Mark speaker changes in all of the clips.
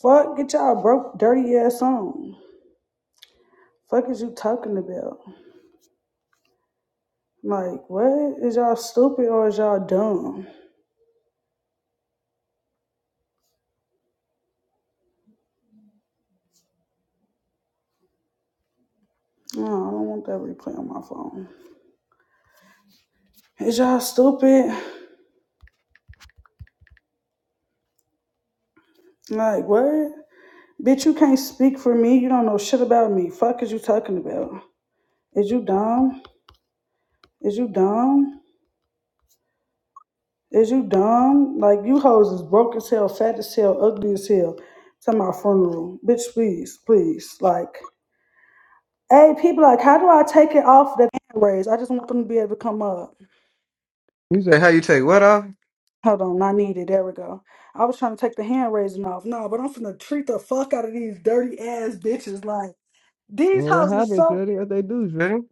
Speaker 1: Fuck, get y'all broke, dirty ass on. Fuck is you talking about? Like, what? Is y'all stupid or is y'all dumb? No, I don't want that replay on my phone. Is y'all stupid? Like, what? Bitch, you can't speak for me. You don't know shit about me. Fuck is you talking about? Is you dumb? Is you dumb? Is you dumb? Like, you hoes is broke as hell, fat as hell, ugly as hell. To my funeral. Bitch, please, please. Like, Hey, people, like, how do I take it off the hand raise? I just want them to be able to come up.
Speaker 2: You say how you take what off?
Speaker 1: Hold on, I need it. There we go. I was trying to take the hand raising off. No, but I'm finna treat the fuck out of these dirty ass bitches. Like, these
Speaker 2: And what
Speaker 1: houses
Speaker 2: happened,
Speaker 1: so
Speaker 2: Shreddy? What they do, Shreddy?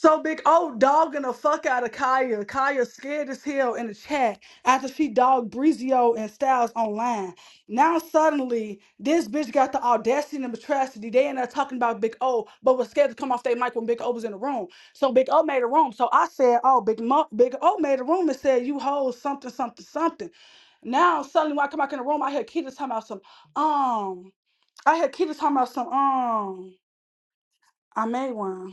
Speaker 1: So big old dogging the fuck out of Kaya. Kaya scared as hell in the chat after she dogged Brizio and Styles online. Now suddenly this bitch got the audacity and the atrocity. They ended up talking about Big O, but was scared to come off their mic when Big O was in the room. So Big O made a room. So I said, Oh, Big Mo- Big O made a room and said, You hold something, something, something. Now suddenly when I come back in the room, I hear Keita talking about some um I hear Keita talking about some um I made one.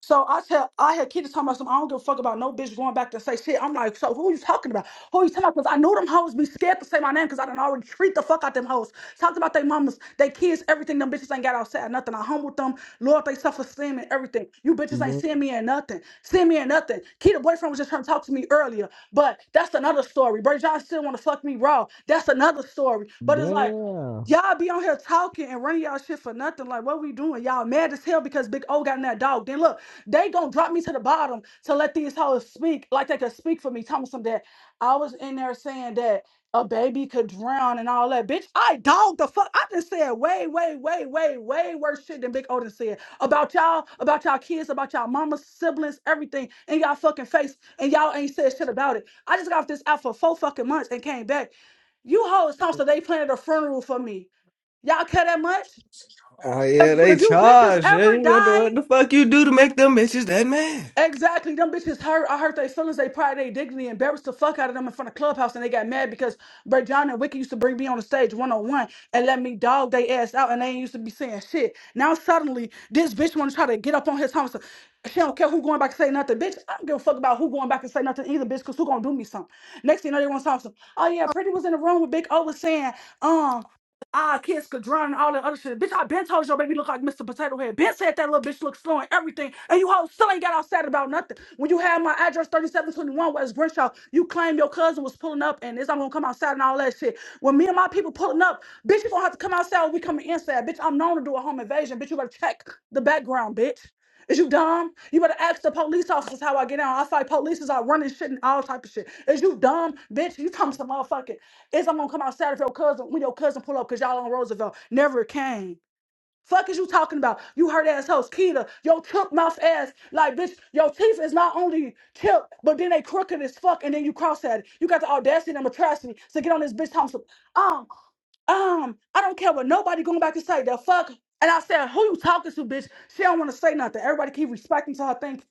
Speaker 1: So I tell I had kids talking about some. I don't give a fuck about no bitch going back to say shit. I'm like, so who you talking about? Who you talking about? Because I know them hoes be scared to say my name because I done already treat the fuck out them hoes. Talked about their mamas, they kids, everything. Them bitches ain't got outside nothing. I humbled them, Lord, they self esteem and everything. You bitches ain't
Speaker 2: Da-
Speaker 1: seeing me in nothing. Seeing me in nothing. Kid, the boyfriend was just trying to talk to me earlier, but that's another story. Bray John still want to fuck me raw. That's another story. But it's like.
Speaker 2: Damn.
Speaker 1: Y'all be on here talking and running y'all shit for nothing. Like, what we doing? Y'all mad as hell because Big O got in that dog. Then look, they gonna drop me to the bottom to let these hoes speak like they could speak for me. Tell me some that I was in there saying that a baby could drown and all that. Bitch, I dog the fuck. I just said way, way, way, way, way worse shit than Big Odin said about y'all, about y'all kids, about y'all mamas, siblings, everything in y'all fucking face, and y'all ain't said shit about it. I just got off this out for four fucking months and came back. You hoes talk so they planned a funeral for me. Y'all care that much?
Speaker 2: Oh
Speaker 1: If,
Speaker 2: yeah, they
Speaker 1: if you bitches
Speaker 2: charge,
Speaker 1: ever
Speaker 2: Shorty. What the,
Speaker 1: die.
Speaker 2: what the fuck you do to make them bitches that mad?
Speaker 1: Exactly. Them bitches hurt. I hurt their feelings. They pride, they dignity, embarrassed the fuck out of them in front of Clubhouse, and they got mad because Bray John and Wiki used to bring me on the stage one on one and let me dog they ass out, and they ain't used to be saying shit. Now suddenly, this bitch want to try to get up on his homicide. She don't care who going back to say nothing, bitch. I don't give a fuck about who going back to say nothing either, bitch, because who gonna do me something? Next thing you know, they want to talk some. Oh yeah, Pretty was in the room with Big O was saying, um. Ah, kids could drown and all that other shit. Bitch, I been told your baby look like Mr. Potato Head. Ben said that little bitch look slow and everything, and you hoes still ain't got all sad about nothing. When you had my address 3721 West Grinshaw, you claimed your cousin was pulling up and it's I'm gonna come outside and all that shit. When me and my people pulling up, bitch, you gonna have to come outside when we coming inside. Bitch, I'm known to do a home invasion. Bitch, you better check the background, bitch. Is you dumb? You better ask the police officers how I get out. I fight police are running shit and all type of shit. Is you dumb, bitch? You talking some motherfucking is I'm gonna come outside if your cousin when your cousin pull up because y'all on Roosevelt never came. Fuck is you talking about? You heard ass host Keita, your chook mouth ass like bitch. Your teeth is not only chipped, but then they crooked as fuck, and then you cross at it. You got the audacity and the atrocity to get on this bitch talking some um um, I don't care what nobody going back and say the fuck. And I said, who you talking to, bitch? She don't want to say nothing. Everybody keep respecting to her thing,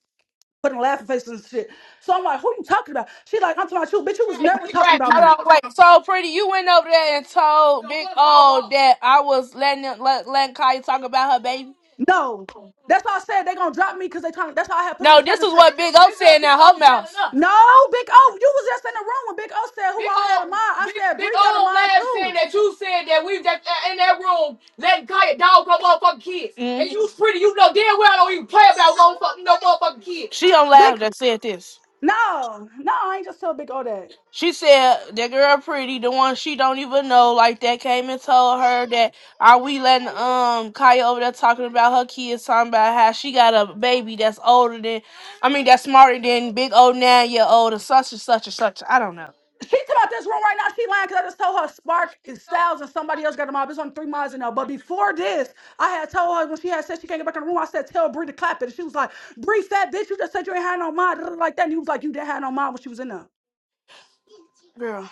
Speaker 1: putting laughing faces and shit. So I'm like, who you talking about? She like, I'm talking about you, bitch. You was never
Speaker 3: Keep
Speaker 1: talking about me.
Speaker 3: Hold on, wait. So pretty, you went over there and told Big O that I was letting him, let letting Kaya talk about her baby.
Speaker 1: No, that's why I said they gonna drop me because they trying. That's why I had put in the
Speaker 3: No,
Speaker 1: chat
Speaker 3: this
Speaker 1: and
Speaker 3: is
Speaker 1: said,
Speaker 3: what Big O said in her whole mouth.
Speaker 1: no, Big O, you was just in the room when Big O said who
Speaker 3: Big
Speaker 1: all had a
Speaker 3: O,
Speaker 1: mind. I
Speaker 3: big
Speaker 1: said
Speaker 3: big
Speaker 1: Bree got a
Speaker 3: O
Speaker 1: mind
Speaker 3: lab saying
Speaker 1: too.
Speaker 3: that you said that we that uh, in that room letting Kaya dog her motherfucking kids, and Mhm. you pretty, you know damn well I don't even play about motherfucking no motherfucking kids. She on lab
Speaker 1: Big,
Speaker 3: that said this.
Speaker 1: no, no, I ain't just tell Big O that.
Speaker 3: She said that girl pretty, the one she don't even know, like that came and told her that are we letting um Kaya over there talking about her kids, talking about how she got a baby that's older than I mean that's smarter than big old nine year old and such and such and such. I don't know.
Speaker 1: She talking about this room right now. She lying because I just told her Spark and Styles and somebody else got the mob. It's only three miles in there. But before this, I had told her when she had said she can't get back in the room. I said tell Bree to clap it. And she was like, Bree, fat bitch, you just said you ain't had no mind like that. And he was like, you didn't have no mind when she was in there.
Speaker 3: Girl.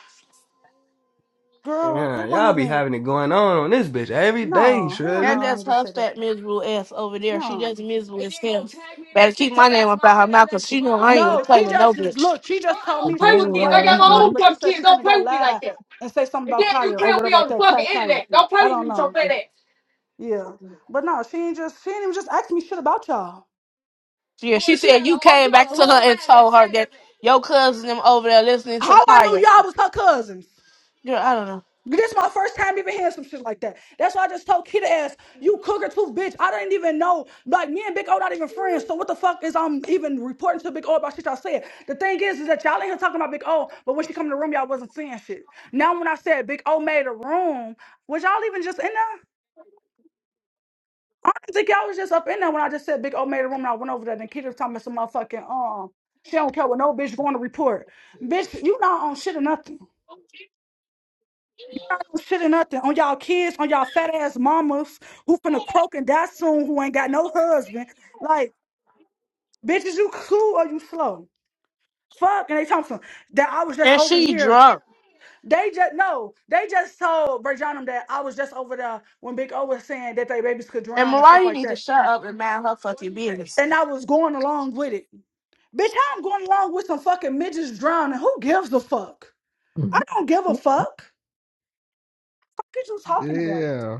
Speaker 1: Girl, they
Speaker 2: Yeah,
Speaker 1: weren't
Speaker 2: y'all be
Speaker 1: even.
Speaker 2: having it going on on this bitch every day,
Speaker 1: No, hell no,
Speaker 3: That
Speaker 2: Shreddy.
Speaker 1: I
Speaker 3: that's
Speaker 1: ain't just
Speaker 3: her
Speaker 1: said that.
Speaker 3: fat miserable ass over there. She
Speaker 1: No.
Speaker 3: just miserable as hell. Better keep my name up out her mouth because she know I ain't gonna
Speaker 1: No,
Speaker 3: play
Speaker 1: she
Speaker 3: with no
Speaker 1: just
Speaker 3: bitch.
Speaker 1: look. She just told me
Speaker 2: That's
Speaker 1: she was
Speaker 2: your
Speaker 1: in the
Speaker 2: rah
Speaker 1: way
Speaker 2: rah,
Speaker 1: with somebody,
Speaker 2: Shorty.
Speaker 1: but she said she's finna go live and say something
Speaker 3: And
Speaker 1: about
Speaker 3: then you
Speaker 1: Kaya or
Speaker 3: tell me
Speaker 1: whatever
Speaker 3: on
Speaker 1: like
Speaker 3: the
Speaker 1: that.
Speaker 3: fucking
Speaker 1: Tag Kaya.
Speaker 3: internet. Don't play
Speaker 1: I
Speaker 3: with
Speaker 1: don't
Speaker 3: me with your
Speaker 1: know.
Speaker 3: fat ass.
Speaker 1: Yeah, but no, she ain't just she ain't even just ask me shit about y'all.
Speaker 3: Yeah, she said you came back to her and told her that your cousin them over there listening to
Speaker 1: How I knew
Speaker 3: Kaya.
Speaker 1: y'all was her cousins.
Speaker 3: Girl, I don't know.
Speaker 1: This is my first time even hearing some shit like that. That's why I just told Kita ass, you cougar tooth bitch. I didn't even know. Like me and Big O not even friends. So what the fuck is I'm even reporting to Big O about shit y'all said? The thing is, is that y'all in here talking about Big O, but when she come in the room, y'all wasn't saying shit. Now when I said Big O made a room, was y'all even just in there? I don't think y'all was just up in there when I just said Big O made a room and I went over there. Then Kita was talking about some motherfucking um, she don't care what no bitch going to report. Bitch, you not on shit or nothing. don't shit or nothing on y'all kids, on y'all fat ass mamas who finna croak and die soon, who ain't got no husband. Like, bitches, you cool or you slow? Fuck, and they told some that I was just
Speaker 3: And
Speaker 1: over
Speaker 3: she
Speaker 1: here.
Speaker 3: drunk.
Speaker 1: They just no, they just told Brajanum that I was just over there when Big O was saying that they babies could
Speaker 3: And
Speaker 1: drown and
Speaker 3: Mariah,
Speaker 1: stuff
Speaker 3: you
Speaker 1: like
Speaker 3: need to
Speaker 1: that,
Speaker 3: shut up and mind her fucking business.
Speaker 1: and I was going along with it. Bitch, how I'm going along with some fucking midgets drowning? Who gives a fuck? I don't give a fuck. What are you
Speaker 2: Yeah.
Speaker 1: talking about?
Speaker 2: Yeah.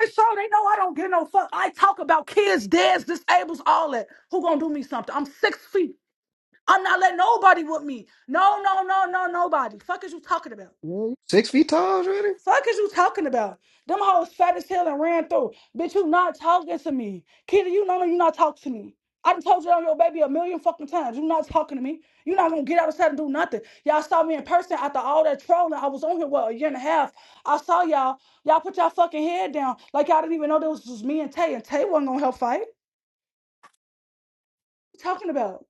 Speaker 1: And so they know I don't get no fuck. I talk about kids, dads, disables, all that. Who gonna do me something? I'm six feet. I'm not letting nobody with me. No, no, no, no, nobody. Fuck is you talking about?
Speaker 2: you Six feet tall, Shreddy.
Speaker 1: Fuck is you talking about? Them hoes fat as hell and ran through. Bitch, you not talking to me. Kitty, you know you not talking to me. I done told you I'm your baby a million fucking times. You not talking to me. You not gonna get outside and do nothing. Y'all saw me in person after all that trolling. I was on here, what, a year and a half. I saw y'all. Y'all put y'all fucking head down like y'all didn't even know this was me and Tay. And Tay wasn't gonna help fight. What you talking about?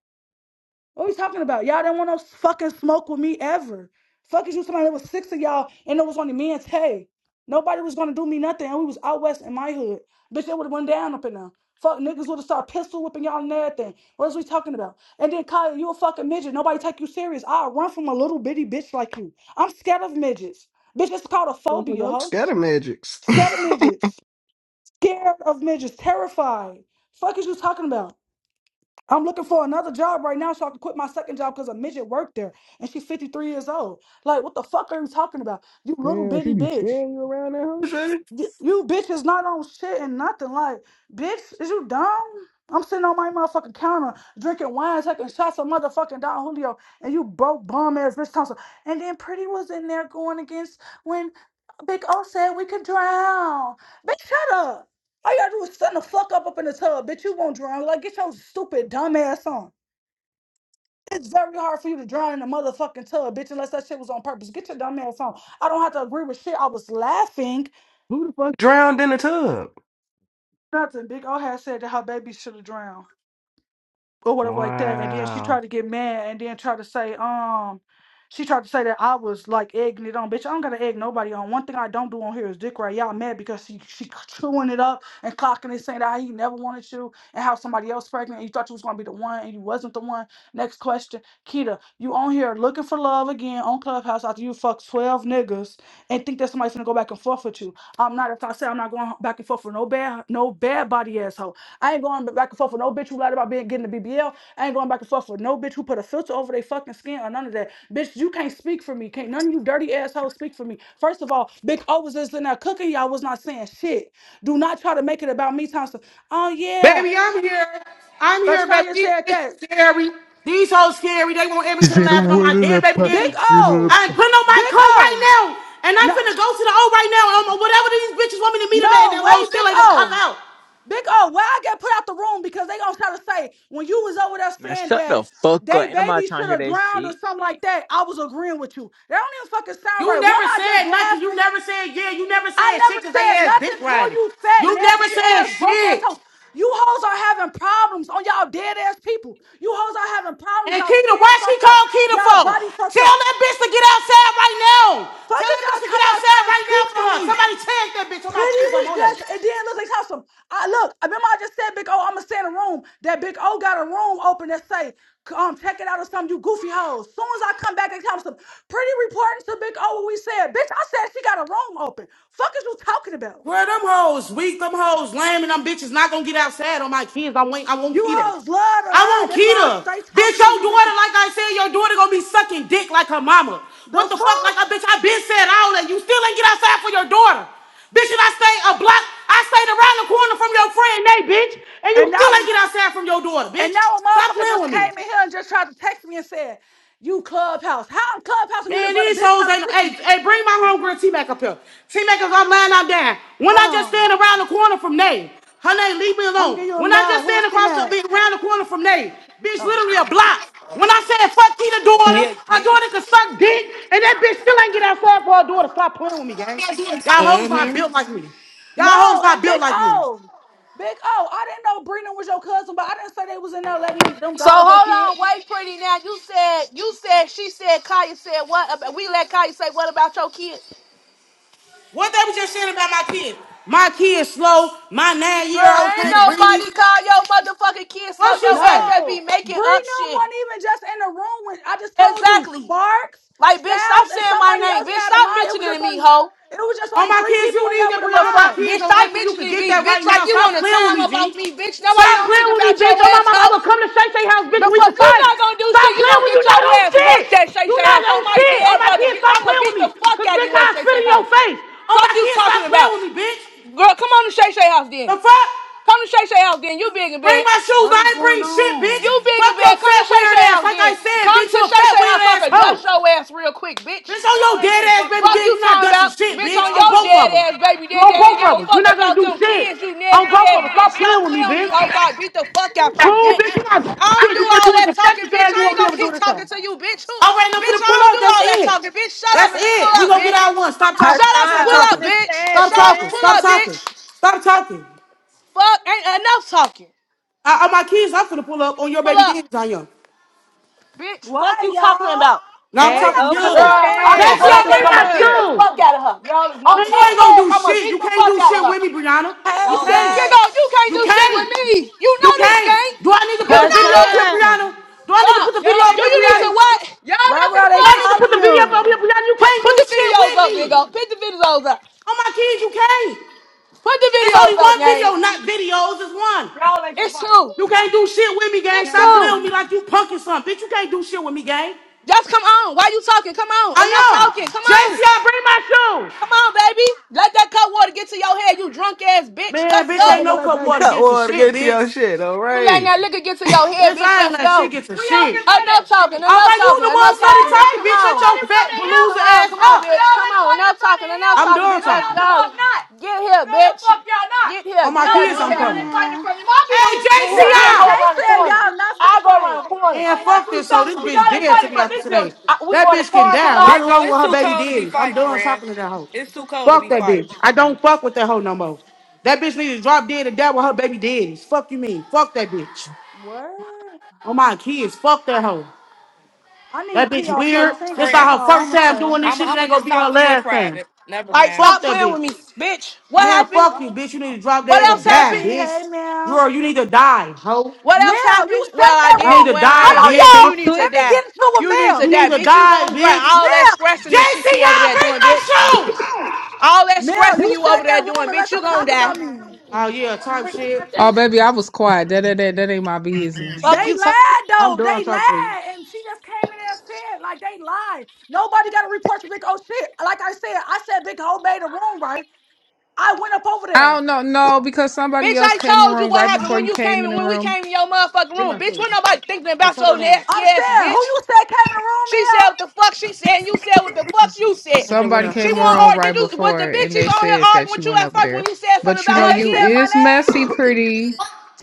Speaker 1: What are we talking about? Y'all didn't want no fucking smoke with me ever. Fuck is you somebody that was six of y'all and it was only me and Tay. Nobody was gonna do me nothing and we was out west in my hood. Bitch, it would have went down up in there. Fuck niggas would have started pistol whipping y'all and everything. What is we talking about? And then Kyle, you a fucking midget. Nobody take you serious. I'll run from a little bitty bitch like you. I'm scared of midgets. Bitch, it's called a phobia,
Speaker 2: Motherfucker, I'm
Speaker 1: huh?
Speaker 2: scatter magics.
Speaker 1: Scared of midgets. Scared of midgets. Terrified. Fuck is you talking about? I'm looking for another job right now so I can quit my second job because a midget worked there and she's 53 years old. Like, what the fuck are you talking about? You little
Speaker 2: Yeah, she
Speaker 1: bitty
Speaker 2: be
Speaker 1: bitch.
Speaker 2: scaring you around that hoe, Shorty?
Speaker 1: Y- You bitch is not on shit and nothing. Like, bitch, is you dumb? I'm sitting on my motherfucking counter drinking wine, taking shots of motherfucking Don Julio, and you broke bum ass bitch Thompson. And then Pretty was in there going against when Big O said we could drown. Bitch, shut up. All you gotta do is stand the fuck up up in the tub, bitch. You won't drown. Like, get your stupid dumb ass on. It's very hard for you to drown in a motherfucking tub, bitch, unless that shit was on purpose. Get your dumb ass on. I don't have to agree with shit. I was laughing.
Speaker 2: Who the fuck drowned in the tub?
Speaker 1: Nothing. Big O had said that her baby should have drowned. or whatever like that. And then she
Speaker 2: Wow.
Speaker 1: tried to get mad and then tried to say, um, she tried to say that I was like egging it on. Bitch, I don't gotta egg nobody on. One thing I don't do on here is dick right. Y'all mad because she she chewing it up and clocking it, saying that he never wanted you and how somebody else pregnant and you thought you was gonna be the one and you wasn't the one. Next question. Kita, you on here looking for love again on Clubhouse after you fuck 12 niggas and think that somebody's gonna go back and forth with you. I'm not if I say I'm not going back and forth with no bad no bad body asshole. I ain't going back and forth with no bitch who lied about being getting the BBL. I ain't going back and forth with no bitch who put a filter over their fucking skin or none of that. Bitch, you can't speak for me. Can't none of you dirty assholes speak for me. First of all, Big O was just in there cooking. Y'all was not saying shit. Do not try to make it about me, Thompson. Oh yeah,
Speaker 4: Baby, I'm here. I'm here, baby.
Speaker 1: Lashanya
Speaker 4: These
Speaker 1: said
Speaker 4: bitches
Speaker 1: that.
Speaker 4: scary. These hoes scary. They want every
Speaker 5: She
Speaker 4: to the
Speaker 5: said a
Speaker 4: laughing on
Speaker 5: word
Speaker 4: my
Speaker 5: in
Speaker 4: dead
Speaker 5: the
Speaker 4: baby
Speaker 5: pot,
Speaker 1: Big
Speaker 4: daddy.
Speaker 5: in the
Speaker 4: i
Speaker 1: O,
Speaker 4: ain't
Speaker 5: pot.
Speaker 4: putting on my
Speaker 1: Big
Speaker 4: coat right
Speaker 1: O.
Speaker 4: now. And I'm
Speaker 1: No,
Speaker 4: finna go to the O right now. Um, whatever these bitches want me to meet them at, and
Speaker 1: no
Speaker 4: them hoes
Speaker 1: way,
Speaker 4: still
Speaker 1: Big
Speaker 4: ain't gonna cop
Speaker 1: O.
Speaker 4: out.
Speaker 1: Big O, why I get put out the room because they gonna try to say when you was over there saying that
Speaker 5: Fuck,
Speaker 1: they baby
Speaker 5: I
Speaker 1: should
Speaker 5: hear
Speaker 1: have
Speaker 5: that.
Speaker 1: drowned
Speaker 5: shit.
Speaker 1: or something like that. I was agreeing with you. That don't even fucking sound
Speaker 4: You
Speaker 1: right. One,
Speaker 4: never
Speaker 1: I just
Speaker 4: said nothing. You
Speaker 1: laughing.
Speaker 4: never said yeah. You never
Speaker 1: I
Speaker 4: said shit
Speaker 1: never
Speaker 4: because they
Speaker 1: said
Speaker 4: ass dick
Speaker 1: nothing to
Speaker 4: riding.
Speaker 1: you fat,
Speaker 4: You never
Speaker 1: nasty
Speaker 4: said
Speaker 1: ass, broke ass
Speaker 4: shit.
Speaker 1: hoes. You hoes are having problems on y'all dead ass people. You hoes are having problems.
Speaker 4: And
Speaker 1: Y'all
Speaker 4: Keita, why
Speaker 1: skin
Speaker 4: she
Speaker 1: fucked up.
Speaker 4: called Keita
Speaker 1: Y'all
Speaker 4: for?
Speaker 1: body fucked
Speaker 4: Tell
Speaker 1: up.
Speaker 4: that bitch to get outside right now.
Speaker 1: Fuck
Speaker 4: Tell
Speaker 1: is
Speaker 4: that bitch
Speaker 1: y'all
Speaker 4: to get
Speaker 1: talking about
Speaker 4: outside
Speaker 1: trying to
Speaker 4: right now
Speaker 1: speak
Speaker 4: for
Speaker 1: for
Speaker 4: her.
Speaker 1: me?
Speaker 4: Somebody tag that bitch on
Speaker 1: Pretty
Speaker 4: my keys. I'm
Speaker 1: was
Speaker 4: on
Speaker 1: just,
Speaker 4: it.
Speaker 1: it didn't look like Tulsa. I look, I remember I just said Big O, I'ma stay in a room. That Big O got a room open that say, um, check it out or something, you goofy hoes. Soon as I come back and tell some pretty reporting to Big O what we said, bitch, I said she got a room open. Fuck is you talking about?
Speaker 4: Where them hoes weak, them hoes lame, and them bitches not gonna get outside on my kids. I want, I want
Speaker 1: You
Speaker 4: Keita.
Speaker 1: hoes love to
Speaker 4: I
Speaker 1: lie.
Speaker 4: want
Speaker 1: That's why
Speaker 4: Keita.
Speaker 1: I stay
Speaker 4: Bitch,
Speaker 1: talking to
Speaker 4: your
Speaker 1: you
Speaker 4: daughter,
Speaker 1: bitches.
Speaker 4: like I said, your daughter gonna be sucking dick like her mama.
Speaker 1: The
Speaker 4: What the fuck, like
Speaker 1: fuck?
Speaker 4: a bitch, I been said all that. You still ain't get outside for your daughter. Bitch, and I stay a block, I stayed around the corner from your friend, nay, bitch. And you
Speaker 1: And now
Speaker 4: still ain't get outside from your daughter,
Speaker 1: and
Speaker 4: bitch.
Speaker 1: now a
Speaker 4: Stop
Speaker 1: motherfucker
Speaker 4: playing
Speaker 1: just
Speaker 4: with me.
Speaker 1: came in here and just tried to text me and said, You clubhouse. How I'm clubhouse if you just
Speaker 4: Man,
Speaker 1: let a
Speaker 4: these
Speaker 1: bitch
Speaker 4: hoes
Speaker 1: try to
Speaker 4: ain't. no,
Speaker 1: speak with
Speaker 4: Hey,
Speaker 1: me?
Speaker 4: hey, bring my homegirl T Mac up here. T Mac, I'm lying, I'm down. When
Speaker 1: Hold
Speaker 4: I just
Speaker 1: on.
Speaker 4: stand around the corner from Nay, her name, leave me
Speaker 1: I'm gonna
Speaker 4: alone.
Speaker 1: give you a
Speaker 4: When I
Speaker 1: mail.
Speaker 4: just
Speaker 1: Who
Speaker 4: stand
Speaker 1: is T
Speaker 4: across the
Speaker 1: Mac?
Speaker 4: be- around the corner from Nay, bitch,
Speaker 1: Oh.
Speaker 4: literally a block. When I said fuck Keita daughter,
Speaker 6: Yeah.
Speaker 4: her daughter could suck dick, and that bitch still ain't get outside for her daughter. Stop playing with me, gang. Y'all hoes not
Speaker 6: Mm-hmm.
Speaker 4: built like me. Y'all hoes
Speaker 1: No,
Speaker 4: not
Speaker 1: and
Speaker 4: built
Speaker 1: Big
Speaker 4: like me.
Speaker 1: O. Big O. I didn't know Brina was your cousin, but I didn't say they was in there letting them, them
Speaker 3: So
Speaker 1: dog go
Speaker 3: hold on,
Speaker 1: kids.
Speaker 3: wait, pretty. Now you said you said she said Kaya said what? About, we let Kaya say what about your kid?
Speaker 4: What they was just saying about my kid? My kid slow. My nine
Speaker 3: Girl,
Speaker 4: year old
Speaker 3: ain't
Speaker 4: can't read.
Speaker 3: nobody call your motherfucking kid slow.
Speaker 4: What she
Speaker 3: Your ass
Speaker 4: say?
Speaker 3: just be
Speaker 1: No.
Speaker 3: making up
Speaker 1: Brina
Speaker 3: shit.
Speaker 1: wasn't even just in the room when I just told you
Speaker 3: Exactly.
Speaker 1: Sparks,
Speaker 3: Like bitch, stop
Speaker 1: Styles, and
Speaker 3: saying my
Speaker 1: somebody
Speaker 3: name.
Speaker 1: else
Speaker 3: Bitch,
Speaker 1: had a
Speaker 3: stop
Speaker 1: mod. It was just
Speaker 3: mentioning me,
Speaker 1: only
Speaker 3: ho.
Speaker 1: it was just
Speaker 4: On
Speaker 1: only
Speaker 4: my
Speaker 1: three
Speaker 4: kids, you
Speaker 1: people in
Speaker 4: need
Speaker 1: there
Speaker 4: that,
Speaker 1: with a
Speaker 3: The
Speaker 4: Brianna. On my
Speaker 3: fuck,
Speaker 1: mod.
Speaker 3: bitch!
Speaker 4: kids, on
Speaker 3: Stop
Speaker 4: acting, you can
Speaker 3: mentioning
Speaker 4: get
Speaker 3: me,
Speaker 4: that right
Speaker 3: bitch. Like
Speaker 4: now.
Speaker 3: you want
Speaker 4: Stop
Speaker 3: to
Speaker 4: playing with
Speaker 3: time
Speaker 4: me,
Speaker 3: up off
Speaker 4: G.
Speaker 3: me, bitch. Nobody
Speaker 4: Stop
Speaker 3: don't think
Speaker 4: playing with me,
Speaker 3: about your
Speaker 4: bitch. On my mama, I'm
Speaker 3: asshole.
Speaker 4: gonna come to Shay Shay house, bitch.
Speaker 3: The
Speaker 4: and We
Speaker 3: fuck,
Speaker 4: can
Speaker 3: you
Speaker 4: fight.
Speaker 3: not gonna do
Speaker 4: Stop
Speaker 3: shit. You
Speaker 4: playing
Speaker 3: gonna
Speaker 4: when you.
Speaker 3: get
Speaker 4: Not
Speaker 3: your
Speaker 4: on
Speaker 3: ass
Speaker 4: shit.
Speaker 3: worked at Shay
Speaker 4: You
Speaker 3: Shay
Speaker 4: not
Speaker 3: House
Speaker 4: on
Speaker 3: on my
Speaker 4: shit. On
Speaker 3: dead
Speaker 4: my
Speaker 3: brother.
Speaker 4: kids,
Speaker 3: Bitch,
Speaker 4: stop
Speaker 3: I'm gonna
Speaker 4: playing with
Speaker 3: beat
Speaker 4: me.
Speaker 3: the fuck
Speaker 4: Cause
Speaker 3: out of
Speaker 4: bitch,
Speaker 3: you
Speaker 4: I
Speaker 3: at Shay
Speaker 4: spit
Speaker 3: Shay
Speaker 4: in your
Speaker 3: House.
Speaker 4: face. On
Speaker 3: Fuck
Speaker 4: my
Speaker 3: you
Speaker 4: kids, stop
Speaker 3: talking
Speaker 4: playing
Speaker 3: about,
Speaker 4: with me, bitch.
Speaker 3: girl. Come on to Shay Shay House
Speaker 4: The
Speaker 3: then.
Speaker 4: fuck?
Speaker 3: Come to Shay Shay House then. You big and
Speaker 4: Bring
Speaker 3: bad.
Speaker 4: my shoes.
Speaker 1: What
Speaker 4: I
Speaker 1: is
Speaker 4: ain't bring
Speaker 1: going
Speaker 4: shit, bitch.
Speaker 1: on?
Speaker 3: You big
Speaker 4: Fuck
Speaker 3: and
Speaker 4: your
Speaker 3: bad. Come to
Speaker 4: fat
Speaker 3: Shay
Speaker 4: weird
Speaker 3: Shay
Speaker 4: ass.
Speaker 3: house
Speaker 4: Like
Speaker 3: then.
Speaker 4: I said,
Speaker 3: Come
Speaker 4: bitch,
Speaker 3: to
Speaker 4: you a
Speaker 3: Shay
Speaker 4: fat
Speaker 3: Shay house
Speaker 4: weird
Speaker 3: so I
Speaker 4: ass
Speaker 3: can
Speaker 4: hoe.
Speaker 3: dust your ass real quick, bitch.
Speaker 4: Bitch,
Speaker 3: Y'all
Speaker 4: on your
Speaker 3: ain't finna
Speaker 4: dead ass
Speaker 3: Fuck
Speaker 4: baby dead.
Speaker 3: you
Speaker 4: you not
Speaker 3: talking
Speaker 4: dusting
Speaker 3: about,
Speaker 4: shit,
Speaker 3: bitch,
Speaker 4: bitch.
Speaker 3: on
Speaker 4: On
Speaker 3: your
Speaker 4: both of them.
Speaker 3: dead ass baby
Speaker 4: You
Speaker 3: dad. They
Speaker 4: on
Speaker 3: ain't
Speaker 4: both
Speaker 3: give
Speaker 4: of
Speaker 3: a
Speaker 4: them. You're
Speaker 3: fuck
Speaker 4: not gonna
Speaker 3: about
Speaker 4: do
Speaker 3: them
Speaker 4: shit.
Speaker 3: kids, you
Speaker 4: On
Speaker 3: nasty
Speaker 4: both of
Speaker 3: ass
Speaker 4: them.
Speaker 3: bitch.
Speaker 4: Stop
Speaker 3: Stop
Speaker 4: playing with me,
Speaker 3: telling me,
Speaker 4: bitch.
Speaker 3: hope I beat the fuck out you,
Speaker 4: Cool,
Speaker 3: bitch.
Speaker 4: bitch. You not doing
Speaker 3: I don't
Speaker 4: shit.
Speaker 3: do
Speaker 4: You could
Speaker 3: all
Speaker 4: do it
Speaker 3: that
Speaker 4: the
Speaker 3: talking,
Speaker 4: second
Speaker 3: bitch.
Speaker 4: time.
Speaker 3: I
Speaker 4: You
Speaker 3: ain't
Speaker 4: won't be
Speaker 3: gonna
Speaker 4: able to do
Speaker 3: keep
Speaker 4: this
Speaker 3: talking
Speaker 4: time.
Speaker 3: to you, bitch.
Speaker 4: All right,
Speaker 3: Who,
Speaker 4: now for
Speaker 3: bitch,
Speaker 4: the
Speaker 3: I
Speaker 4: pull
Speaker 3: don't
Speaker 4: up.
Speaker 3: do
Speaker 4: That's
Speaker 3: all that
Speaker 4: it.
Speaker 3: talking, bitch. Shut up
Speaker 4: That's
Speaker 3: and
Speaker 4: it.
Speaker 3: pull
Speaker 4: We
Speaker 3: up,
Speaker 4: gonna get
Speaker 3: bitch.
Speaker 4: out one. Stop
Speaker 3: Shut
Speaker 4: talking. Just
Speaker 3: up and
Speaker 4: stop
Speaker 7: Hassan,
Speaker 3: pull up,
Speaker 7: open
Speaker 4: talking.
Speaker 7: the
Speaker 3: bitch.
Speaker 7: chat,
Speaker 4: Stop
Speaker 3: Shut up
Speaker 4: talking.
Speaker 3: and
Speaker 7: man.
Speaker 3: pull
Speaker 4: Stop
Speaker 3: up,
Speaker 4: talking.
Speaker 3: bitch.
Speaker 4: Stop talking.
Speaker 3: Fuck, ain't enough talking.
Speaker 4: I, I, my kids, I'm finna pull up on your
Speaker 3: Pull
Speaker 4: baby
Speaker 3: up.
Speaker 4: daddy's on you.
Speaker 3: Bitch,
Speaker 1: Why
Speaker 3: fuck you talking
Speaker 1: y'all?
Speaker 3: about.
Speaker 4: Now
Speaker 3: Real.
Speaker 4: I'm
Speaker 1: Why
Speaker 7: Hey,
Speaker 4: talking to
Speaker 1: y'all
Speaker 3: You
Speaker 7: open
Speaker 1: finna
Speaker 3: Girl,
Speaker 7: the
Speaker 1: pull
Speaker 4: you.
Speaker 1: up over
Speaker 3: I'm
Speaker 1: a
Speaker 4: Jesse,
Speaker 3: gonna
Speaker 7: chat.
Speaker 3: go
Speaker 7: What
Speaker 3: out
Speaker 4: I
Speaker 7: the
Speaker 3: there and I'm gonna
Speaker 1: misunderstanding?
Speaker 4: bring
Speaker 3: beat
Speaker 7: fuck?
Speaker 3: the
Speaker 4: my shoes.
Speaker 3: fuck out of her. Y'all is
Speaker 4: Man,
Speaker 3: I'm
Speaker 4: you
Speaker 3: take
Speaker 4: ain't gonna
Speaker 3: words,
Speaker 4: do
Speaker 3: I'm gonna
Speaker 4: shit.
Speaker 3: beat
Speaker 4: You
Speaker 3: the
Speaker 4: can't
Speaker 3: fuck
Speaker 4: do
Speaker 3: out of
Speaker 4: shit
Speaker 3: her.
Speaker 4: with me, Brianna.
Speaker 1: Hey
Speaker 4: You
Speaker 3: Y'all nothing.
Speaker 4: can't.
Speaker 3: You
Speaker 1: Shay,
Speaker 3: know, you can't
Speaker 4: You
Speaker 3: do shit with
Speaker 4: can't.
Speaker 3: me. You
Speaker 4: You
Speaker 3: know this,
Speaker 4: can't.
Speaker 3: gang.
Speaker 4: Do I need to
Speaker 3: You
Speaker 4: put the
Speaker 3: know
Speaker 4: video up here,
Speaker 3: this.
Speaker 7: Hassan.
Speaker 4: Brianna? Do I need to
Speaker 3: Stop.
Speaker 4: put the
Speaker 3: Y'all
Speaker 4: video
Speaker 3: ain't
Speaker 4: up
Speaker 3: Do you
Speaker 4: here,
Speaker 3: need fight.
Speaker 4: Brianna?
Speaker 3: to
Speaker 4: Do
Speaker 3: what? Y'all
Speaker 1: right
Speaker 3: not
Speaker 1: where are
Speaker 3: finna
Speaker 1: they
Speaker 4: I
Speaker 3: fight.
Speaker 4: need to put
Speaker 1: calling
Speaker 4: the video up
Speaker 1: you?
Speaker 4: here, Brianna? You
Speaker 3: Put
Speaker 4: can't
Speaker 3: put
Speaker 4: do
Speaker 3: the
Speaker 4: shit
Speaker 3: videos
Speaker 4: with
Speaker 3: up,
Speaker 4: me.
Speaker 3: big O. Put the videos up.
Speaker 4: Oh my kids, you can't.
Speaker 3: Put the
Speaker 4: It's
Speaker 3: videos
Speaker 4: only
Speaker 3: up,
Speaker 4: one
Speaker 3: gang.
Speaker 4: video, not videos. It's one.
Speaker 3: Y'all ain't finna It's fight. two.
Speaker 4: You can't do shit with me, gang.
Speaker 3: It's
Speaker 4: Stop playing
Speaker 3: two.
Speaker 4: with
Speaker 1: Jenna.
Speaker 4: me like you punking something. Bitch, you can't do shit with me, gang.
Speaker 3: Just come on. Why you talking? Come on. Enough
Speaker 4: I am.
Speaker 3: talking. Come
Speaker 4: Jesse,
Speaker 3: on.
Speaker 4: I bring my shoes.
Speaker 3: Come on, baby. Let that cut water get to your head, you drunk ass bitch.
Speaker 4: Man,
Speaker 3: Let's
Speaker 4: bitch, ain't
Speaker 3: go.
Speaker 2: Motherfucker
Speaker 4: no
Speaker 2: like
Speaker 4: cup
Speaker 2: that.
Speaker 4: water
Speaker 2: Cut
Speaker 4: get to
Speaker 2: water,
Speaker 4: shit,
Speaker 2: get to your
Speaker 4: bitch.
Speaker 2: shit, all
Speaker 3: You letting
Speaker 2: right.
Speaker 3: that liquor get to your head,
Speaker 4: Bitch,
Speaker 3: bitch.
Speaker 4: I ain't
Speaker 3: Let's
Speaker 4: let shit
Speaker 3: go.
Speaker 4: get to
Speaker 3: We all can do
Speaker 4: shit.
Speaker 3: Enough that. talking,
Speaker 4: Oh,
Speaker 3: enough talking, enough you talking,
Speaker 4: why
Speaker 3: bitch.
Speaker 4: you the
Speaker 3: Come
Speaker 4: one study talking, bitch?
Speaker 3: on.
Speaker 4: Shut your
Speaker 3: fighting from
Speaker 4: fat
Speaker 3: the hill. Come
Speaker 4: palooza
Speaker 3: on,
Speaker 4: ass
Speaker 3: come on,
Speaker 4: up.
Speaker 3: bitch. Y'all Come ain't on, fighting enough fighting from talking, the enough hill.
Speaker 4: I'm
Speaker 3: talking,
Speaker 4: done
Speaker 3: bitch. No, Let's y'all the
Speaker 4: talking.
Speaker 3: go. fuck not. Get here, No, the bitch. fuck y'all not. Get here,
Speaker 4: On
Speaker 3: get
Speaker 4: my
Speaker 3: Y'all here, ain't-
Speaker 4: kids,
Speaker 3: get
Speaker 1: Hey
Speaker 4: I'm
Speaker 3: here. Y'all ain't
Speaker 4: coming.
Speaker 3: fighting
Speaker 1: Maya.
Speaker 3: from my
Speaker 4: Hey,
Speaker 3: building. Get here.
Speaker 1: Right.
Speaker 3: We'll go
Speaker 1: Shay
Speaker 4: JCI!
Speaker 3: around the
Speaker 1: said
Speaker 3: corner.
Speaker 1: y'all not
Speaker 3: I
Speaker 1: finna
Speaker 3: go around
Speaker 1: fight.
Speaker 3: the corner.
Speaker 4: Man,
Speaker 3: I gotta
Speaker 4: fuck
Speaker 3: do
Speaker 4: this hoe. This
Speaker 3: something because
Speaker 4: bitch
Speaker 3: y'all ain't
Speaker 4: dead to
Speaker 3: fighting
Speaker 4: me
Speaker 3: from
Speaker 4: after
Speaker 3: this
Speaker 4: today.
Speaker 3: building. I, we
Speaker 4: That
Speaker 3: going to
Speaker 4: bitch can
Speaker 3: parking
Speaker 4: die right
Speaker 6: Big
Speaker 3: lot.
Speaker 6: O,
Speaker 4: along with
Speaker 6: it's
Speaker 4: her
Speaker 6: too
Speaker 4: baby
Speaker 6: cold to be
Speaker 4: daddies. I'm
Speaker 6: fighting,
Speaker 4: done
Speaker 6: friend.
Speaker 4: talking to that hoe.
Speaker 6: It's too cold to be
Speaker 4: Fuck that
Speaker 6: fighting.
Speaker 4: bitch. I don't fuck with that hoe no more. That bitch need to drop dead and die with her baby daddies. Fuck you mean? Fuck that bitch.
Speaker 1: What?
Speaker 4: On my kids, fuck that hoe.
Speaker 1: I
Speaker 4: That
Speaker 1: need P
Speaker 4: bitch
Speaker 1: off
Speaker 4: weird.
Speaker 1: 13.
Speaker 4: This
Speaker 1: That's
Speaker 4: not
Speaker 6: Friend,
Speaker 4: her
Speaker 1: all
Speaker 4: first
Speaker 1: I'ma
Speaker 4: time
Speaker 1: say.
Speaker 4: doing this
Speaker 6: I'm
Speaker 4: shit. It
Speaker 6: I'm
Speaker 4: ain't
Speaker 6: going to
Speaker 4: gonna
Speaker 6: just
Speaker 4: be her
Speaker 6: talk to you in
Speaker 4: last time.
Speaker 6: private. Never
Speaker 3: Like,
Speaker 6: mind.
Speaker 4: Fuck
Speaker 3: stop
Speaker 4: that
Speaker 3: playing with
Speaker 4: bitch.
Speaker 3: me, bitch. What
Speaker 4: Man,
Speaker 3: happened?
Speaker 4: fuck you, bitch. You need to drop
Speaker 3: What
Speaker 4: dead or
Speaker 1: Hey
Speaker 3: else
Speaker 1: JG,
Speaker 4: die,
Speaker 3: happened?
Speaker 1: hey
Speaker 4: bitch.
Speaker 1: Mel.
Speaker 4: Girl, you need to die, ho.
Speaker 3: What else
Speaker 1: Mel,
Speaker 3: happened?
Speaker 1: you sat
Speaker 3: Well,
Speaker 1: in
Speaker 3: I
Speaker 1: that
Speaker 4: You need
Speaker 3: didn't.
Speaker 4: to
Speaker 1: room.
Speaker 3: Well, I
Speaker 4: die,
Speaker 1: Hold
Speaker 3: ain't,
Speaker 1: on,
Speaker 3: bitch.
Speaker 4: bitch.
Speaker 3: You
Speaker 1: y'all.
Speaker 7: She's
Speaker 3: need to
Speaker 1: Let me
Speaker 7: tweaking.
Speaker 3: die.
Speaker 1: get into
Speaker 3: You
Speaker 1: a
Speaker 3: need to
Speaker 4: You
Speaker 1: Mel.
Speaker 3: die,
Speaker 4: need to
Speaker 3: bitch. You
Speaker 4: die,
Speaker 3: gonna die.
Speaker 4: bitch.
Speaker 3: All that
Speaker 1: Mel.
Speaker 3: scratching and
Speaker 4: JC,
Speaker 3: shit you over
Speaker 4: y'all,
Speaker 3: there
Speaker 4: bring
Speaker 3: doing,
Speaker 4: my
Speaker 3: bitch.
Speaker 4: shoes.
Speaker 3: All that
Speaker 1: Mel,
Speaker 3: scratching
Speaker 1: you
Speaker 3: you
Speaker 1: sat
Speaker 3: over
Speaker 1: in
Speaker 3: there
Speaker 1: that room
Speaker 3: doing,
Speaker 1: and let
Speaker 3: bitch. You
Speaker 1: them
Speaker 3: gonna
Speaker 1: talk
Speaker 3: die.
Speaker 1: about me.
Speaker 4: Oh, yeah, type shit.
Speaker 8: Oh, baby, I was quiet. That, that, that, that ain't my business.
Speaker 1: They
Speaker 3: Fuck you, talk.
Speaker 1: lied
Speaker 4: I'm
Speaker 1: though. They
Speaker 4: done talking to you.
Speaker 1: lied. And she just came in there and said, like they lied. Nobody got a report to Big O shit. Like I said, I said Big O made a room, right? I went up over
Speaker 8: I
Speaker 1: there.
Speaker 8: don't know. No, because somebody
Speaker 3: Bitch,
Speaker 8: else
Speaker 3: I
Speaker 8: came in the
Speaker 3: told you
Speaker 8: room
Speaker 3: what
Speaker 8: right
Speaker 3: happened
Speaker 8: before
Speaker 3: when
Speaker 8: you
Speaker 3: you
Speaker 8: came
Speaker 3: came
Speaker 8: in
Speaker 3: and
Speaker 8: the
Speaker 3: when we
Speaker 8: room.
Speaker 3: came in your motherfucking
Speaker 4: Bring
Speaker 3: room.
Speaker 4: my
Speaker 3: Bitch, when
Speaker 4: shoes.
Speaker 3: nobody thinking
Speaker 4: Hey,
Speaker 3: about
Speaker 4: shut
Speaker 3: your
Speaker 4: it down.
Speaker 3: nasty
Speaker 1: I'm
Speaker 3: ass,
Speaker 1: saying, who
Speaker 3: bitch.
Speaker 1: you said came in the room,
Speaker 3: She said
Speaker 1: Mel?
Speaker 3: what the fuck she said, and you said what the fuck
Speaker 8: S-
Speaker 3: you said.
Speaker 4: Take that what
Speaker 8: Somebody
Speaker 4: up.
Speaker 8: came
Speaker 3: She
Speaker 8: in the
Speaker 3: won't
Speaker 8: room
Speaker 3: argue.
Speaker 8: right
Speaker 3: Did you was the
Speaker 8: before,
Speaker 3: bitch
Speaker 8: and
Speaker 3: even
Speaker 8: they
Speaker 3: on here
Speaker 8: said
Speaker 3: arguing
Speaker 8: that you
Speaker 3: with you
Speaker 8: went
Speaker 3: at
Speaker 8: over
Speaker 3: first when
Speaker 8: there.
Speaker 3: you said something
Speaker 8: But you
Speaker 3: about
Speaker 8: know,
Speaker 1: and
Speaker 3: her
Speaker 1: they
Speaker 8: you
Speaker 1: said
Speaker 3: kids?
Speaker 1: my
Speaker 8: is
Speaker 1: name,
Speaker 8: messy, pretty.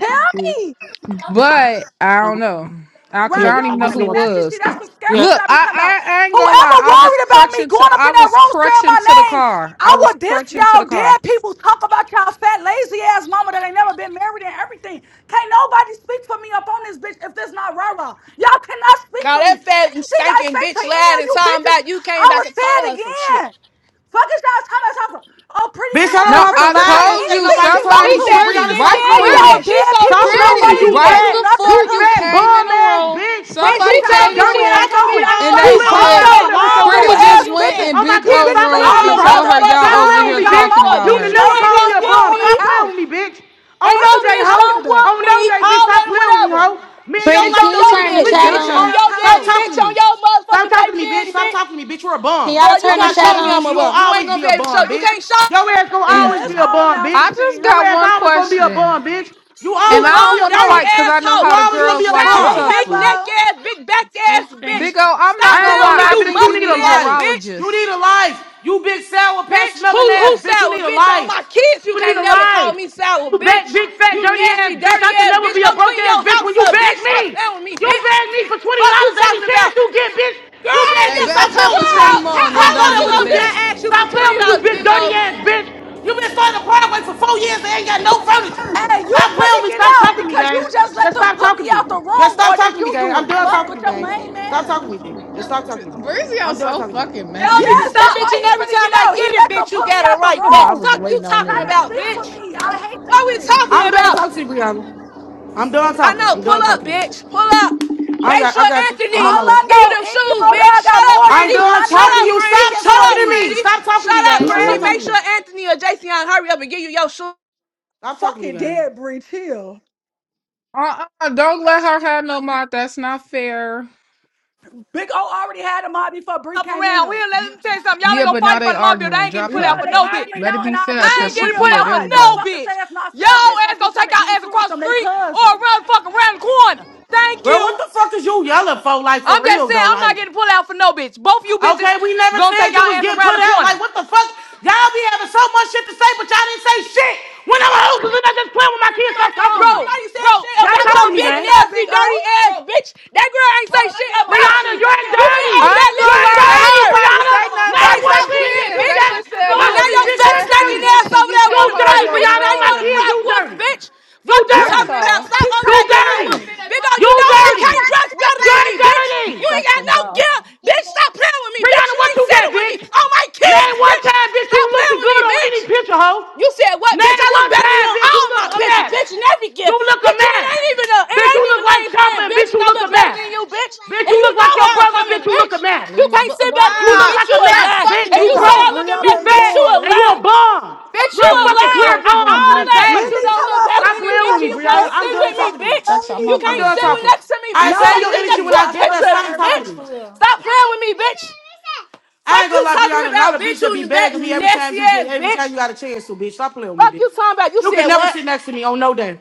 Speaker 1: tell
Speaker 4: Mm.
Speaker 1: me.
Speaker 8: But I
Speaker 4: Uh,
Speaker 8: don't know, because
Speaker 1: Right,
Speaker 4: yeah,
Speaker 8: I
Speaker 1: you
Speaker 8: don't even
Speaker 4: I'm
Speaker 1: don't want
Speaker 8: know
Speaker 1: to
Speaker 4: listening to
Speaker 1: be
Speaker 8: who
Speaker 4: what you.
Speaker 1: messy. See,
Speaker 8: was.
Speaker 1: that's the scary
Speaker 4: Yeah.
Speaker 8: Look,
Speaker 1: shit I be talking about.
Speaker 8: I, I, I ain't gonna
Speaker 1: Whoever
Speaker 8: lie. I was
Speaker 1: worried about me
Speaker 8: crutching to,
Speaker 1: going up
Speaker 8: I
Speaker 1: in that
Speaker 8: was
Speaker 1: room saying my
Speaker 8: crutching to the
Speaker 1: name,
Speaker 8: car.
Speaker 1: I
Speaker 8: I was
Speaker 1: will diss
Speaker 8: crutching to the
Speaker 1: y'all dead
Speaker 8: car.
Speaker 1: people. Talk about y'all fat, lazy ass mama that ain't never been married and everything. Can't nobody speak for me up on this bitch if this not rah-rah. Y'all cannot speak
Speaker 3: Now
Speaker 1: for me.
Speaker 3: that fat and
Speaker 1: Anything I
Speaker 3: stinking
Speaker 1: say to
Speaker 3: bitch
Speaker 1: any
Speaker 3: lied
Speaker 1: of
Speaker 3: and
Speaker 1: you
Speaker 3: talking
Speaker 1: bitches,
Speaker 3: about you
Speaker 1: I
Speaker 3: came back
Speaker 1: will
Speaker 3: and
Speaker 1: say it
Speaker 3: told her some shit.
Speaker 1: again. Fuck is y'all talking about? Something. Oh, pretty
Speaker 4: Bitch,
Speaker 1: came
Speaker 4: I
Speaker 1: over
Speaker 4: don't
Speaker 8: No,
Speaker 1: there.
Speaker 4: have
Speaker 1: Pretty
Speaker 4: to
Speaker 8: I
Speaker 1: could
Speaker 4: lie
Speaker 1: say
Speaker 4: and
Speaker 8: told
Speaker 4: say
Speaker 8: you
Speaker 1: anything
Speaker 4: nobody
Speaker 1: she
Speaker 4: told
Speaker 1: wants
Speaker 3: She
Speaker 4: me
Speaker 8: somebody
Speaker 1: to.
Speaker 4: shit.
Speaker 3: said she
Speaker 8: pretty,
Speaker 4: Brianna,
Speaker 3: didn't
Speaker 4: stop
Speaker 8: right?
Speaker 3: tell
Speaker 4: playing
Speaker 1: Oh,
Speaker 4: with
Speaker 3: you
Speaker 4: me.
Speaker 8: Pretty.
Speaker 1: y'all
Speaker 3: that. She
Speaker 1: dead
Speaker 3: told me
Speaker 1: people,
Speaker 4: Stop
Speaker 3: she
Speaker 4: playing
Speaker 3: didn't
Speaker 4: with me,
Speaker 8: Pretty,
Speaker 1: nobody
Speaker 3: tell
Speaker 1: is
Speaker 3: you
Speaker 4: you
Speaker 1: gonna
Speaker 3: that.
Speaker 8: right
Speaker 1: do
Speaker 4: fat, you
Speaker 1: nothing
Speaker 8: before
Speaker 1: to
Speaker 8: you
Speaker 4: fat
Speaker 1: me.
Speaker 8: came in
Speaker 4: bum
Speaker 8: the
Speaker 4: ass
Speaker 8: room,
Speaker 4: bitch.
Speaker 1: Fuck,
Speaker 3: Bitch,
Speaker 4: You
Speaker 3: she
Speaker 1: get
Speaker 8: somebody
Speaker 1: y'all
Speaker 3: told
Speaker 4: fat
Speaker 8: came
Speaker 3: me
Speaker 8: in
Speaker 1: slow
Speaker 8: the
Speaker 3: she
Speaker 4: dirty
Speaker 3: I
Speaker 8: room
Speaker 1: ass
Speaker 4: ass. So
Speaker 3: could be
Speaker 1: on.
Speaker 4: Brianna,
Speaker 3: all
Speaker 8: and
Speaker 4: stop
Speaker 8: they
Speaker 3: that,
Speaker 1: You
Speaker 4: playing with me before
Speaker 1: burnt
Speaker 3: all
Speaker 4: I
Speaker 8: said,
Speaker 4: go
Speaker 1: out,
Speaker 3: that,
Speaker 4: there with
Speaker 1: ran
Speaker 4: your
Speaker 3: all
Speaker 1: through
Speaker 4: ass,
Speaker 8: Pretty
Speaker 4: bitch.
Speaker 3: whatever
Speaker 8: just
Speaker 1: ass
Speaker 3: you
Speaker 8: went
Speaker 1: bitches.
Speaker 3: saying.
Speaker 8: in
Speaker 4: Oh my
Speaker 8: Big
Speaker 1: You
Speaker 4: kids,
Speaker 8: O
Speaker 4: stop
Speaker 1: bitches ain't
Speaker 8: room
Speaker 4: playing with me,
Speaker 8: and
Speaker 3: All
Speaker 1: having
Speaker 3: that,
Speaker 8: told
Speaker 4: Brianna.
Speaker 1: nothing
Speaker 8: her
Speaker 1: but
Speaker 3: whatever
Speaker 8: y'all
Speaker 4: Stop
Speaker 3: you
Speaker 8: over
Speaker 4: playing with
Speaker 3: saying,
Speaker 1: problems.
Speaker 8: here
Speaker 4: me,
Speaker 1: Y'all
Speaker 4: bitch.
Speaker 3: and
Speaker 8: talking
Speaker 3: more.
Speaker 1: mama
Speaker 8: about
Speaker 4: You
Speaker 3: Bitch,
Speaker 1: booty
Speaker 4: can
Speaker 8: her.
Speaker 3: you
Speaker 4: never
Speaker 3: ain't
Speaker 4: call
Speaker 1: lazy
Speaker 4: me
Speaker 1: as
Speaker 3: gonna
Speaker 4: a
Speaker 3: whoop
Speaker 1: hell
Speaker 4: bum.
Speaker 1: on
Speaker 3: me.
Speaker 1: the
Speaker 4: Stop playing with
Speaker 1: couch.
Speaker 4: me, bitch. Oh
Speaker 3: Ain't
Speaker 1: Fuck
Speaker 4: no
Speaker 3: no
Speaker 1: is you
Speaker 4: day,
Speaker 3: bitch
Speaker 4: hoe.
Speaker 1: talking
Speaker 3: gonna
Speaker 1: about?
Speaker 4: Oh
Speaker 3: whoop
Speaker 4: no
Speaker 3: me.
Speaker 4: day, bitch.
Speaker 3: All
Speaker 4: Stop
Speaker 3: that
Speaker 4: playing with
Speaker 3: and
Speaker 4: me,
Speaker 3: whatever.
Speaker 4: hoe. Me and your
Speaker 9: Pretty,
Speaker 3: Bitch
Speaker 9: can
Speaker 4: life
Speaker 3: on
Speaker 9: you
Speaker 4: don't
Speaker 3: your
Speaker 4: even
Speaker 9: turn the
Speaker 3: daddy,
Speaker 4: complete
Speaker 1: You
Speaker 4: to
Speaker 9: chat
Speaker 3: bitch
Speaker 4: each
Speaker 1: dirty
Speaker 4: other.
Speaker 3: on
Speaker 9: on?
Speaker 1: ass
Speaker 3: your
Speaker 4: Stop
Speaker 3: daddy,
Speaker 1: hoes.
Speaker 4: talking
Speaker 3: bitch
Speaker 4: to
Speaker 3: on your
Speaker 4: me. Stop
Speaker 3: motherfucking
Speaker 4: talking to
Speaker 3: baby
Speaker 4: me, bitch.
Speaker 3: daddy,
Speaker 4: Stop talking
Speaker 3: bitch.
Speaker 4: to me, bitch. You're a
Speaker 9: Can
Speaker 4: bum.
Speaker 9: y'all
Speaker 3: Girl, you
Speaker 4: On
Speaker 9: turn the
Speaker 4: my
Speaker 3: can't
Speaker 9: chat
Speaker 3: show
Speaker 4: kids,
Speaker 3: me I'm
Speaker 4: bitch.
Speaker 9: on?
Speaker 3: a
Speaker 4: You won't
Speaker 3: bum. You ain't
Speaker 4: always
Speaker 3: gonna
Speaker 4: be
Speaker 3: be
Speaker 4: a
Speaker 3: able to show.
Speaker 4: bum,
Speaker 3: You
Speaker 4: bitch.
Speaker 3: can't show.
Speaker 4: Your ass gonna
Speaker 1: Yeah,
Speaker 9: Thank
Speaker 4: always
Speaker 1: it's
Speaker 4: be
Speaker 9: you.
Speaker 4: a
Speaker 1: on
Speaker 4: bum,
Speaker 1: now,
Speaker 4: bitch.
Speaker 8: I just
Speaker 1: Cecilia.
Speaker 4: Your
Speaker 8: got
Speaker 4: ass
Speaker 8: one
Speaker 4: always gonna be a
Speaker 8: question.
Speaker 4: bum, bitch. You
Speaker 3: You
Speaker 8: And I
Speaker 4: always gonna be
Speaker 8: don't
Speaker 3: bum,
Speaker 4: a
Speaker 8: want to
Speaker 3: dirty
Speaker 4: bum.
Speaker 8: fight because I know
Speaker 3: asshole.
Speaker 4: You
Speaker 8: how the
Speaker 4: always
Speaker 3: You
Speaker 4: gonna be
Speaker 8: girls
Speaker 4: a
Speaker 8: like to
Speaker 1: Hey,
Speaker 3: sour,
Speaker 4: bum.
Speaker 3: big
Speaker 8: tussle.
Speaker 3: neck
Speaker 1: Hevo.
Speaker 3: ass, big back
Speaker 10: I
Speaker 3: ass
Speaker 10: think.
Speaker 3: bitch.
Speaker 8: Big O, I'm
Speaker 3: Stop
Speaker 8: not
Speaker 4: I ain't
Speaker 3: playing
Speaker 8: gonna
Speaker 4: gonna
Speaker 3: with
Speaker 8: lie,
Speaker 3: me,
Speaker 4: lie,
Speaker 8: I
Speaker 3: you
Speaker 4: bitch.
Speaker 8: think
Speaker 4: You
Speaker 8: you
Speaker 4: need
Speaker 3: musty
Speaker 8: need
Speaker 4: a
Speaker 8: a
Speaker 3: ass
Speaker 4: life.
Speaker 3: bitch.
Speaker 4: You need
Speaker 8: urologist.
Speaker 4: a life. You big sour patch
Speaker 3: Bitch, who
Speaker 4: smelling
Speaker 3: who
Speaker 4: ass, bitch. You
Speaker 3: sour?
Speaker 4: need a
Speaker 3: Bitch, on
Speaker 4: life.
Speaker 3: my kids, you
Speaker 4: You need
Speaker 3: can't
Speaker 4: a
Speaker 3: never call
Speaker 4: life.
Speaker 3: me sour,
Speaker 4: You big,
Speaker 3: bitch.
Speaker 4: big fat
Speaker 3: You
Speaker 4: dirty
Speaker 3: nasty,
Speaker 4: ass bitch.
Speaker 3: dirty
Speaker 4: I could
Speaker 3: ass
Speaker 4: never
Speaker 3: bitch.
Speaker 4: be a
Speaker 3: Go
Speaker 4: broke
Speaker 3: clean
Speaker 4: ass
Speaker 3: your
Speaker 4: bitch
Speaker 3: house
Speaker 4: when you
Speaker 3: up,
Speaker 4: beg
Speaker 3: bitch.
Speaker 4: me.
Speaker 3: Stop playing with me,
Speaker 4: You
Speaker 3: bitch.
Speaker 4: beg me for twenty
Speaker 3: Fuck you
Speaker 4: dollars every
Speaker 3: talking
Speaker 4: chance
Speaker 3: about?
Speaker 4: you get, bitch.
Speaker 3: Girl,
Speaker 4: You
Speaker 3: I
Speaker 4: beg
Speaker 3: ain't
Speaker 8: Hey,
Speaker 4: me.
Speaker 3: never,
Speaker 4: Stop
Speaker 8: back her
Speaker 4: playing
Speaker 8: for
Speaker 4: with me,
Speaker 8: 20
Speaker 4: Brianna.
Speaker 3: girl,
Speaker 8: more and
Speaker 3: how,
Speaker 4: Before
Speaker 3: how
Speaker 4: I
Speaker 8: then
Speaker 4: go
Speaker 8: don't
Speaker 3: long
Speaker 4: there
Speaker 8: give
Speaker 4: with
Speaker 8: it
Speaker 3: ago
Speaker 4: you,
Speaker 3: did
Speaker 4: bitch.
Speaker 8: back.
Speaker 3: I ask you for
Speaker 4: Stop playing
Speaker 3: twenty
Speaker 4: with me, you
Speaker 3: dollars,
Speaker 4: big
Speaker 3: big
Speaker 4: dirty
Speaker 3: O?
Speaker 4: ass bitch. You been starting a Broadway for four years and ain't got no furniture.
Speaker 1: Hey, you
Speaker 4: Stop playing
Speaker 1: finna
Speaker 4: with me.
Speaker 1: get
Speaker 4: Stop
Speaker 1: out
Speaker 4: talking to me,
Speaker 1: because you
Speaker 4: gang.
Speaker 1: just let
Speaker 4: Just
Speaker 1: them
Speaker 4: stop
Speaker 1: put me
Speaker 4: talking to me.
Speaker 1: out the
Speaker 4: Just
Speaker 1: room
Speaker 4: stop
Speaker 1: or
Speaker 4: talking
Speaker 1: did
Speaker 4: to me,
Speaker 1: you
Speaker 4: gang.
Speaker 1: do
Speaker 4: I'm
Speaker 1: it?
Speaker 4: done
Speaker 1: Fuck
Speaker 4: talking to
Speaker 1: with
Speaker 4: you,
Speaker 1: your
Speaker 4: gang.
Speaker 1: lame
Speaker 4: Stop talking
Speaker 1: ass.
Speaker 4: to me, G. Just stop
Speaker 8: T-
Speaker 4: talking to me.
Speaker 8: Breezy, you
Speaker 4: I'm done
Speaker 8: so
Speaker 4: talking to you.
Speaker 8: fucking
Speaker 3: Y'all need
Speaker 8: messy.
Speaker 3: to
Speaker 1: Yes,
Speaker 3: stop.
Speaker 1: that's
Speaker 3: And bitch,
Speaker 1: why
Speaker 3: and
Speaker 1: he's
Speaker 3: every
Speaker 1: finna
Speaker 3: time
Speaker 1: get
Speaker 3: I
Speaker 1: out. He
Speaker 3: get it,
Speaker 1: let
Speaker 3: bitch,
Speaker 1: them
Speaker 3: you
Speaker 1: put me
Speaker 3: got it
Speaker 1: out the
Speaker 3: right
Speaker 8: I
Speaker 3: back.
Speaker 1: room.
Speaker 8: was
Speaker 3: Fuck you
Speaker 8: waiting on
Speaker 1: Trying
Speaker 3: talking
Speaker 1: to
Speaker 8: this.
Speaker 3: about,
Speaker 1: speak for
Speaker 3: bitch.
Speaker 1: me. I hate
Speaker 3: What
Speaker 1: this
Speaker 3: we
Speaker 1: shit.
Speaker 3: talking
Speaker 4: I'm done
Speaker 3: about?
Speaker 4: talking to you, Brianna. I'm done
Speaker 3: I
Speaker 4: talking.
Speaker 3: know.
Speaker 4: I'm
Speaker 3: Pull
Speaker 4: done
Speaker 3: up,
Speaker 4: talking to you.
Speaker 3: bitch. Pull up.
Speaker 4: I
Speaker 3: Make
Speaker 4: got,
Speaker 3: sure
Speaker 4: I got you.
Speaker 1: All
Speaker 4: I'm on
Speaker 3: Anthony
Speaker 4: my way.
Speaker 1: I
Speaker 3: give you them
Speaker 1: know, any
Speaker 3: shoes,
Speaker 1: hoe
Speaker 3: bitch.
Speaker 1: that I
Speaker 3: Shut
Speaker 1: got
Speaker 3: up,
Speaker 1: more
Speaker 4: I'm
Speaker 3: pretty.
Speaker 1: than do
Speaker 4: done
Speaker 1: not
Speaker 3: Shut
Speaker 1: need to
Speaker 4: talking to
Speaker 3: up,
Speaker 1: be
Speaker 4: you.
Speaker 3: pretty.
Speaker 4: Stop
Speaker 1: speaking
Speaker 3: Shut
Speaker 1: for
Speaker 4: talking
Speaker 3: up,
Speaker 4: to
Speaker 1: me.
Speaker 4: me.
Speaker 3: pretty.
Speaker 4: Stop talking to me,
Speaker 3: Shut up,
Speaker 4: gang.
Speaker 11: Look can
Speaker 4: Just
Speaker 1: Fuck,
Speaker 3: pretty.
Speaker 11: hear
Speaker 4: stop
Speaker 3: Make
Speaker 4: talking to me.
Speaker 3: sure Anthony or Jason hurry up and give you your shoes.
Speaker 4: Stop talking to me,
Speaker 1: fucking
Speaker 4: gang.
Speaker 1: dead, Bree. Chill.
Speaker 8: Uh-uh, don't let her have no mouth. That's not fair.
Speaker 1: Big O already had a mod before Bree
Speaker 3: Up
Speaker 1: came in
Speaker 3: around
Speaker 1: here.
Speaker 3: here, let me tell you something. Y'all ain't
Speaker 8: Yeah,
Speaker 3: gonna
Speaker 8: but
Speaker 3: fight
Speaker 8: now
Speaker 3: in
Speaker 8: they
Speaker 3: front of my building. I
Speaker 8: arguing.
Speaker 3: ain't getting
Speaker 8: Drop
Speaker 3: put out
Speaker 1: Yeah,
Speaker 8: her.
Speaker 3: for
Speaker 1: they
Speaker 3: no bitch.
Speaker 1: arguing
Speaker 8: Let it
Speaker 1: now, and
Speaker 8: be
Speaker 1: I
Speaker 8: fair,
Speaker 1: just
Speaker 3: I
Speaker 1: give
Speaker 8: cause
Speaker 3: ain't
Speaker 8: she.
Speaker 3: getting
Speaker 1: Bree a
Speaker 3: put
Speaker 8: Yeah,
Speaker 3: out for
Speaker 8: there we
Speaker 1: mod. Don't
Speaker 3: no
Speaker 8: go.
Speaker 1: fucking
Speaker 3: bitch.
Speaker 1: say that's not fair,
Speaker 3: Y'all
Speaker 1: bitch.
Speaker 3: ass
Speaker 1: Like you
Speaker 3: gonna
Speaker 1: trying
Speaker 3: take
Speaker 1: to get
Speaker 3: y'all ass
Speaker 1: into it with
Speaker 3: across the
Speaker 1: them, they
Speaker 3: street or
Speaker 1: cousins.
Speaker 3: around the fucking round the corner. Thank
Speaker 4: Bro, what
Speaker 3: you.
Speaker 4: the fuck is you yelling for? Like for
Speaker 3: I'm just
Speaker 4: real
Speaker 3: saying,
Speaker 4: though,
Speaker 3: I'm not
Speaker 4: like.
Speaker 3: getting put out for no bitch. Both you bitches
Speaker 4: Okay, we never
Speaker 3: gonna
Speaker 4: said
Speaker 3: take y'all
Speaker 4: you was
Speaker 3: ass
Speaker 4: getting
Speaker 3: around
Speaker 4: put
Speaker 3: the
Speaker 4: out.
Speaker 3: corner.
Speaker 4: Like, what the fuck? Y'all be having so much shit to say, but y'all didn't say shit. When I'm a host, and I just playing with my
Speaker 3: Girl,
Speaker 4: kids,
Speaker 3: get my
Speaker 4: stop
Speaker 3: phone.
Speaker 4: talking to
Speaker 3: Bro,
Speaker 4: me.
Speaker 3: Nobody said bro, shit.
Speaker 1: They
Speaker 4: Stop
Speaker 3: about your
Speaker 4: talking to me,
Speaker 1: wasn't
Speaker 3: big,
Speaker 4: gang.
Speaker 1: in there,
Speaker 3: nasty,
Speaker 1: Big O.
Speaker 3: dirty ass Bro, bitch. That girl ain't bro, say shit about
Speaker 4: Brianna,
Speaker 3: you.
Speaker 4: you're
Speaker 3: You went
Speaker 4: dirty.
Speaker 8: I
Speaker 3: over there
Speaker 8: ain't gonna
Speaker 4: You're
Speaker 3: listening to
Speaker 8: lie.
Speaker 4: dirty,
Speaker 3: her.
Speaker 8: Ain't
Speaker 3: Let
Speaker 8: nobody
Speaker 3: me
Speaker 4: Brianna.
Speaker 3: get on
Speaker 8: say
Speaker 3: my
Speaker 8: nothing
Speaker 3: phone.
Speaker 4: Name
Speaker 3: Like,
Speaker 8: about
Speaker 4: one
Speaker 8: their
Speaker 3: stop
Speaker 4: thing that
Speaker 3: playing,
Speaker 4: you
Speaker 8: kids.
Speaker 3: bitch.
Speaker 4: got
Speaker 8: They
Speaker 3: cause,
Speaker 8: just
Speaker 3: you
Speaker 8: said
Speaker 3: know Yo,
Speaker 4: more
Speaker 3: what?
Speaker 8: you
Speaker 4: than
Speaker 8: a
Speaker 3: now
Speaker 4: me,
Speaker 3: your
Speaker 8: big
Speaker 4: bitch.
Speaker 3: fat,
Speaker 4: You're
Speaker 8: nasty
Speaker 3: stinking
Speaker 4: dirty.
Speaker 8: bitch
Speaker 3: ass
Speaker 8: cause
Speaker 3: over
Speaker 8: you
Speaker 3: there
Speaker 4: You
Speaker 3: want
Speaker 8: can't
Speaker 3: to cry,
Speaker 8: hold
Speaker 4: dirty,
Speaker 8: your
Speaker 3: bitch.
Speaker 4: Brianna.
Speaker 3: Now
Speaker 4: On
Speaker 3: you
Speaker 4: my
Speaker 3: want to
Speaker 8: bladder.
Speaker 4: kids,
Speaker 3: cry
Speaker 4: you
Speaker 3: wolf,
Speaker 4: dirty.
Speaker 3: bitch.
Speaker 4: You
Speaker 3: Fuck you
Speaker 1: Look,
Speaker 4: dirty.
Speaker 8: That's
Speaker 3: talking
Speaker 1: they
Speaker 3: about.
Speaker 8: all.
Speaker 3: Stop
Speaker 1: keep
Speaker 3: over
Speaker 4: You
Speaker 1: trying
Speaker 3: there
Speaker 1: to get
Speaker 3: crying
Speaker 1: in
Speaker 4: dirty.
Speaker 3: wolf.
Speaker 1: it.
Speaker 3: Big dog, you
Speaker 4: You
Speaker 3: don't, you
Speaker 4: dirty.
Speaker 3: can't dress better
Speaker 4: You're
Speaker 3: than me, bitch. You
Speaker 4: dirty.
Speaker 3: ain't
Speaker 8: That's
Speaker 3: got
Speaker 8: a
Speaker 3: no
Speaker 8: go.
Speaker 3: gear, bitch. Stop playing with me, bitch.
Speaker 4: Brianna,
Speaker 3: You
Speaker 4: what
Speaker 3: ain't
Speaker 4: you got,
Speaker 3: sitting with me.
Speaker 4: bitch?
Speaker 3: All my kids,
Speaker 4: Name one
Speaker 3: bitch.
Speaker 4: time, bitch, you
Speaker 3: Stop
Speaker 4: looked
Speaker 3: playing with me,
Speaker 4: good on any picture,
Speaker 3: bitch.
Speaker 4: hoe.
Speaker 3: You said what, bitch?
Speaker 4: Name
Speaker 3: I look
Speaker 4: one
Speaker 3: better than
Speaker 4: time,
Speaker 3: you on
Speaker 4: bitch, you
Speaker 3: all my
Speaker 4: look a
Speaker 3: pictures,
Speaker 4: mess.
Speaker 3: bitch, and every
Speaker 4: You
Speaker 3: gift,
Speaker 4: look a
Speaker 3: bitch, and it
Speaker 4: mess.
Speaker 3: ain't even a, it
Speaker 4: Bitch, you
Speaker 3: ain't even
Speaker 4: look like
Speaker 3: name
Speaker 4: Chopper
Speaker 3: brand,
Speaker 4: and
Speaker 3: bitch,
Speaker 4: bitch,
Speaker 3: and
Speaker 4: you
Speaker 3: I
Speaker 4: look a
Speaker 3: look better
Speaker 4: mess.
Speaker 3: than you, bitch,
Speaker 4: Bitch,
Speaker 3: and
Speaker 4: you
Speaker 3: you
Speaker 4: look
Speaker 3: know
Speaker 4: like your
Speaker 3: how I'm
Speaker 4: brother and
Speaker 3: coming,
Speaker 4: bitch, you look
Speaker 3: bitch.
Speaker 4: a mess.
Speaker 3: You
Speaker 8: Leave my
Speaker 3: can't
Speaker 8: book.
Speaker 3: say better than
Speaker 4: You
Speaker 3: me,
Speaker 4: look
Speaker 8: Wow!
Speaker 3: bitch. You
Speaker 4: like a
Speaker 3: a
Speaker 4: mess,
Speaker 8: Stop
Speaker 3: lie.
Speaker 8: fucking
Speaker 4: bitch.
Speaker 3: If
Speaker 1: They
Speaker 4: You
Speaker 3: you
Speaker 8: doing
Speaker 3: say
Speaker 1: toss a
Speaker 8: that.
Speaker 3: I
Speaker 4: broke,
Speaker 3: look a
Speaker 4: you
Speaker 3: mess,
Speaker 1: Brianna and
Speaker 3: bitch,
Speaker 4: fat,
Speaker 3: you a
Speaker 4: and
Speaker 1: Gore.
Speaker 4: you a
Speaker 3: lie.
Speaker 4: bum.
Speaker 3: Bitch, you
Speaker 4: You're a
Speaker 3: a
Speaker 4: fucking
Speaker 8: That
Speaker 3: lie.
Speaker 4: clear
Speaker 8: ass
Speaker 3: I,
Speaker 8: is gonna
Speaker 4: bum
Speaker 8: be
Speaker 4: to
Speaker 3: all
Speaker 4: this
Speaker 3: that,
Speaker 8: happy.
Speaker 3: but
Speaker 1: Lily,
Speaker 4: day.
Speaker 3: you don't
Speaker 1: talk
Speaker 3: look
Speaker 1: about some.
Speaker 3: better
Speaker 4: Stop
Speaker 3: than me,
Speaker 4: playing with
Speaker 3: bitch,
Speaker 4: me,
Speaker 3: and you
Speaker 1: everybody's
Speaker 3: can't
Speaker 4: Brianna. I'm
Speaker 3: sit
Speaker 1: stinking
Speaker 4: done
Speaker 3: with
Speaker 1: and
Speaker 3: me,
Speaker 1: fat
Speaker 4: talking to you.
Speaker 3: bitch.
Speaker 8: That's.
Speaker 1: and
Speaker 8: I'm
Speaker 3: You
Speaker 8: not
Speaker 1: dirty.
Speaker 4: I'm
Speaker 3: can't
Speaker 8: playing
Speaker 4: done
Speaker 8: with
Speaker 3: sit
Speaker 8: you.
Speaker 3: with
Speaker 4: talking.
Speaker 3: next to me,
Speaker 4: I
Speaker 3: bitch. You
Speaker 1: No,
Speaker 4: send
Speaker 3: can't
Speaker 4: your
Speaker 3: sit
Speaker 4: energy
Speaker 3: next to
Speaker 4: when
Speaker 1: Lily,
Speaker 3: a
Speaker 4: I
Speaker 1: I
Speaker 4: get
Speaker 1: swear to
Speaker 4: there.
Speaker 3: picture of
Speaker 1: God,
Speaker 3: me,
Speaker 4: Stop talking
Speaker 3: bitch.
Speaker 1: everybody,
Speaker 4: to me.
Speaker 1: for real.
Speaker 3: Stop playing with me, bitch.
Speaker 4: I
Speaker 3: Fuck
Speaker 4: ain't gonna
Speaker 3: you
Speaker 4: lie,
Speaker 3: talking
Speaker 4: Brianna, not
Speaker 3: about,
Speaker 4: a
Speaker 3: bitch.
Speaker 4: bitch
Speaker 3: You
Speaker 4: that be
Speaker 3: n- that
Speaker 4: begging me every time
Speaker 3: nasty
Speaker 4: you get
Speaker 3: ass
Speaker 4: every time
Speaker 3: bitch.
Speaker 4: you got a chance to, bitch. Stop playing with
Speaker 3: Fuck
Speaker 4: me, bitch.
Speaker 3: you talking about. You
Speaker 4: You can
Speaker 3: said
Speaker 4: never
Speaker 3: what?
Speaker 4: sit next to me on no day.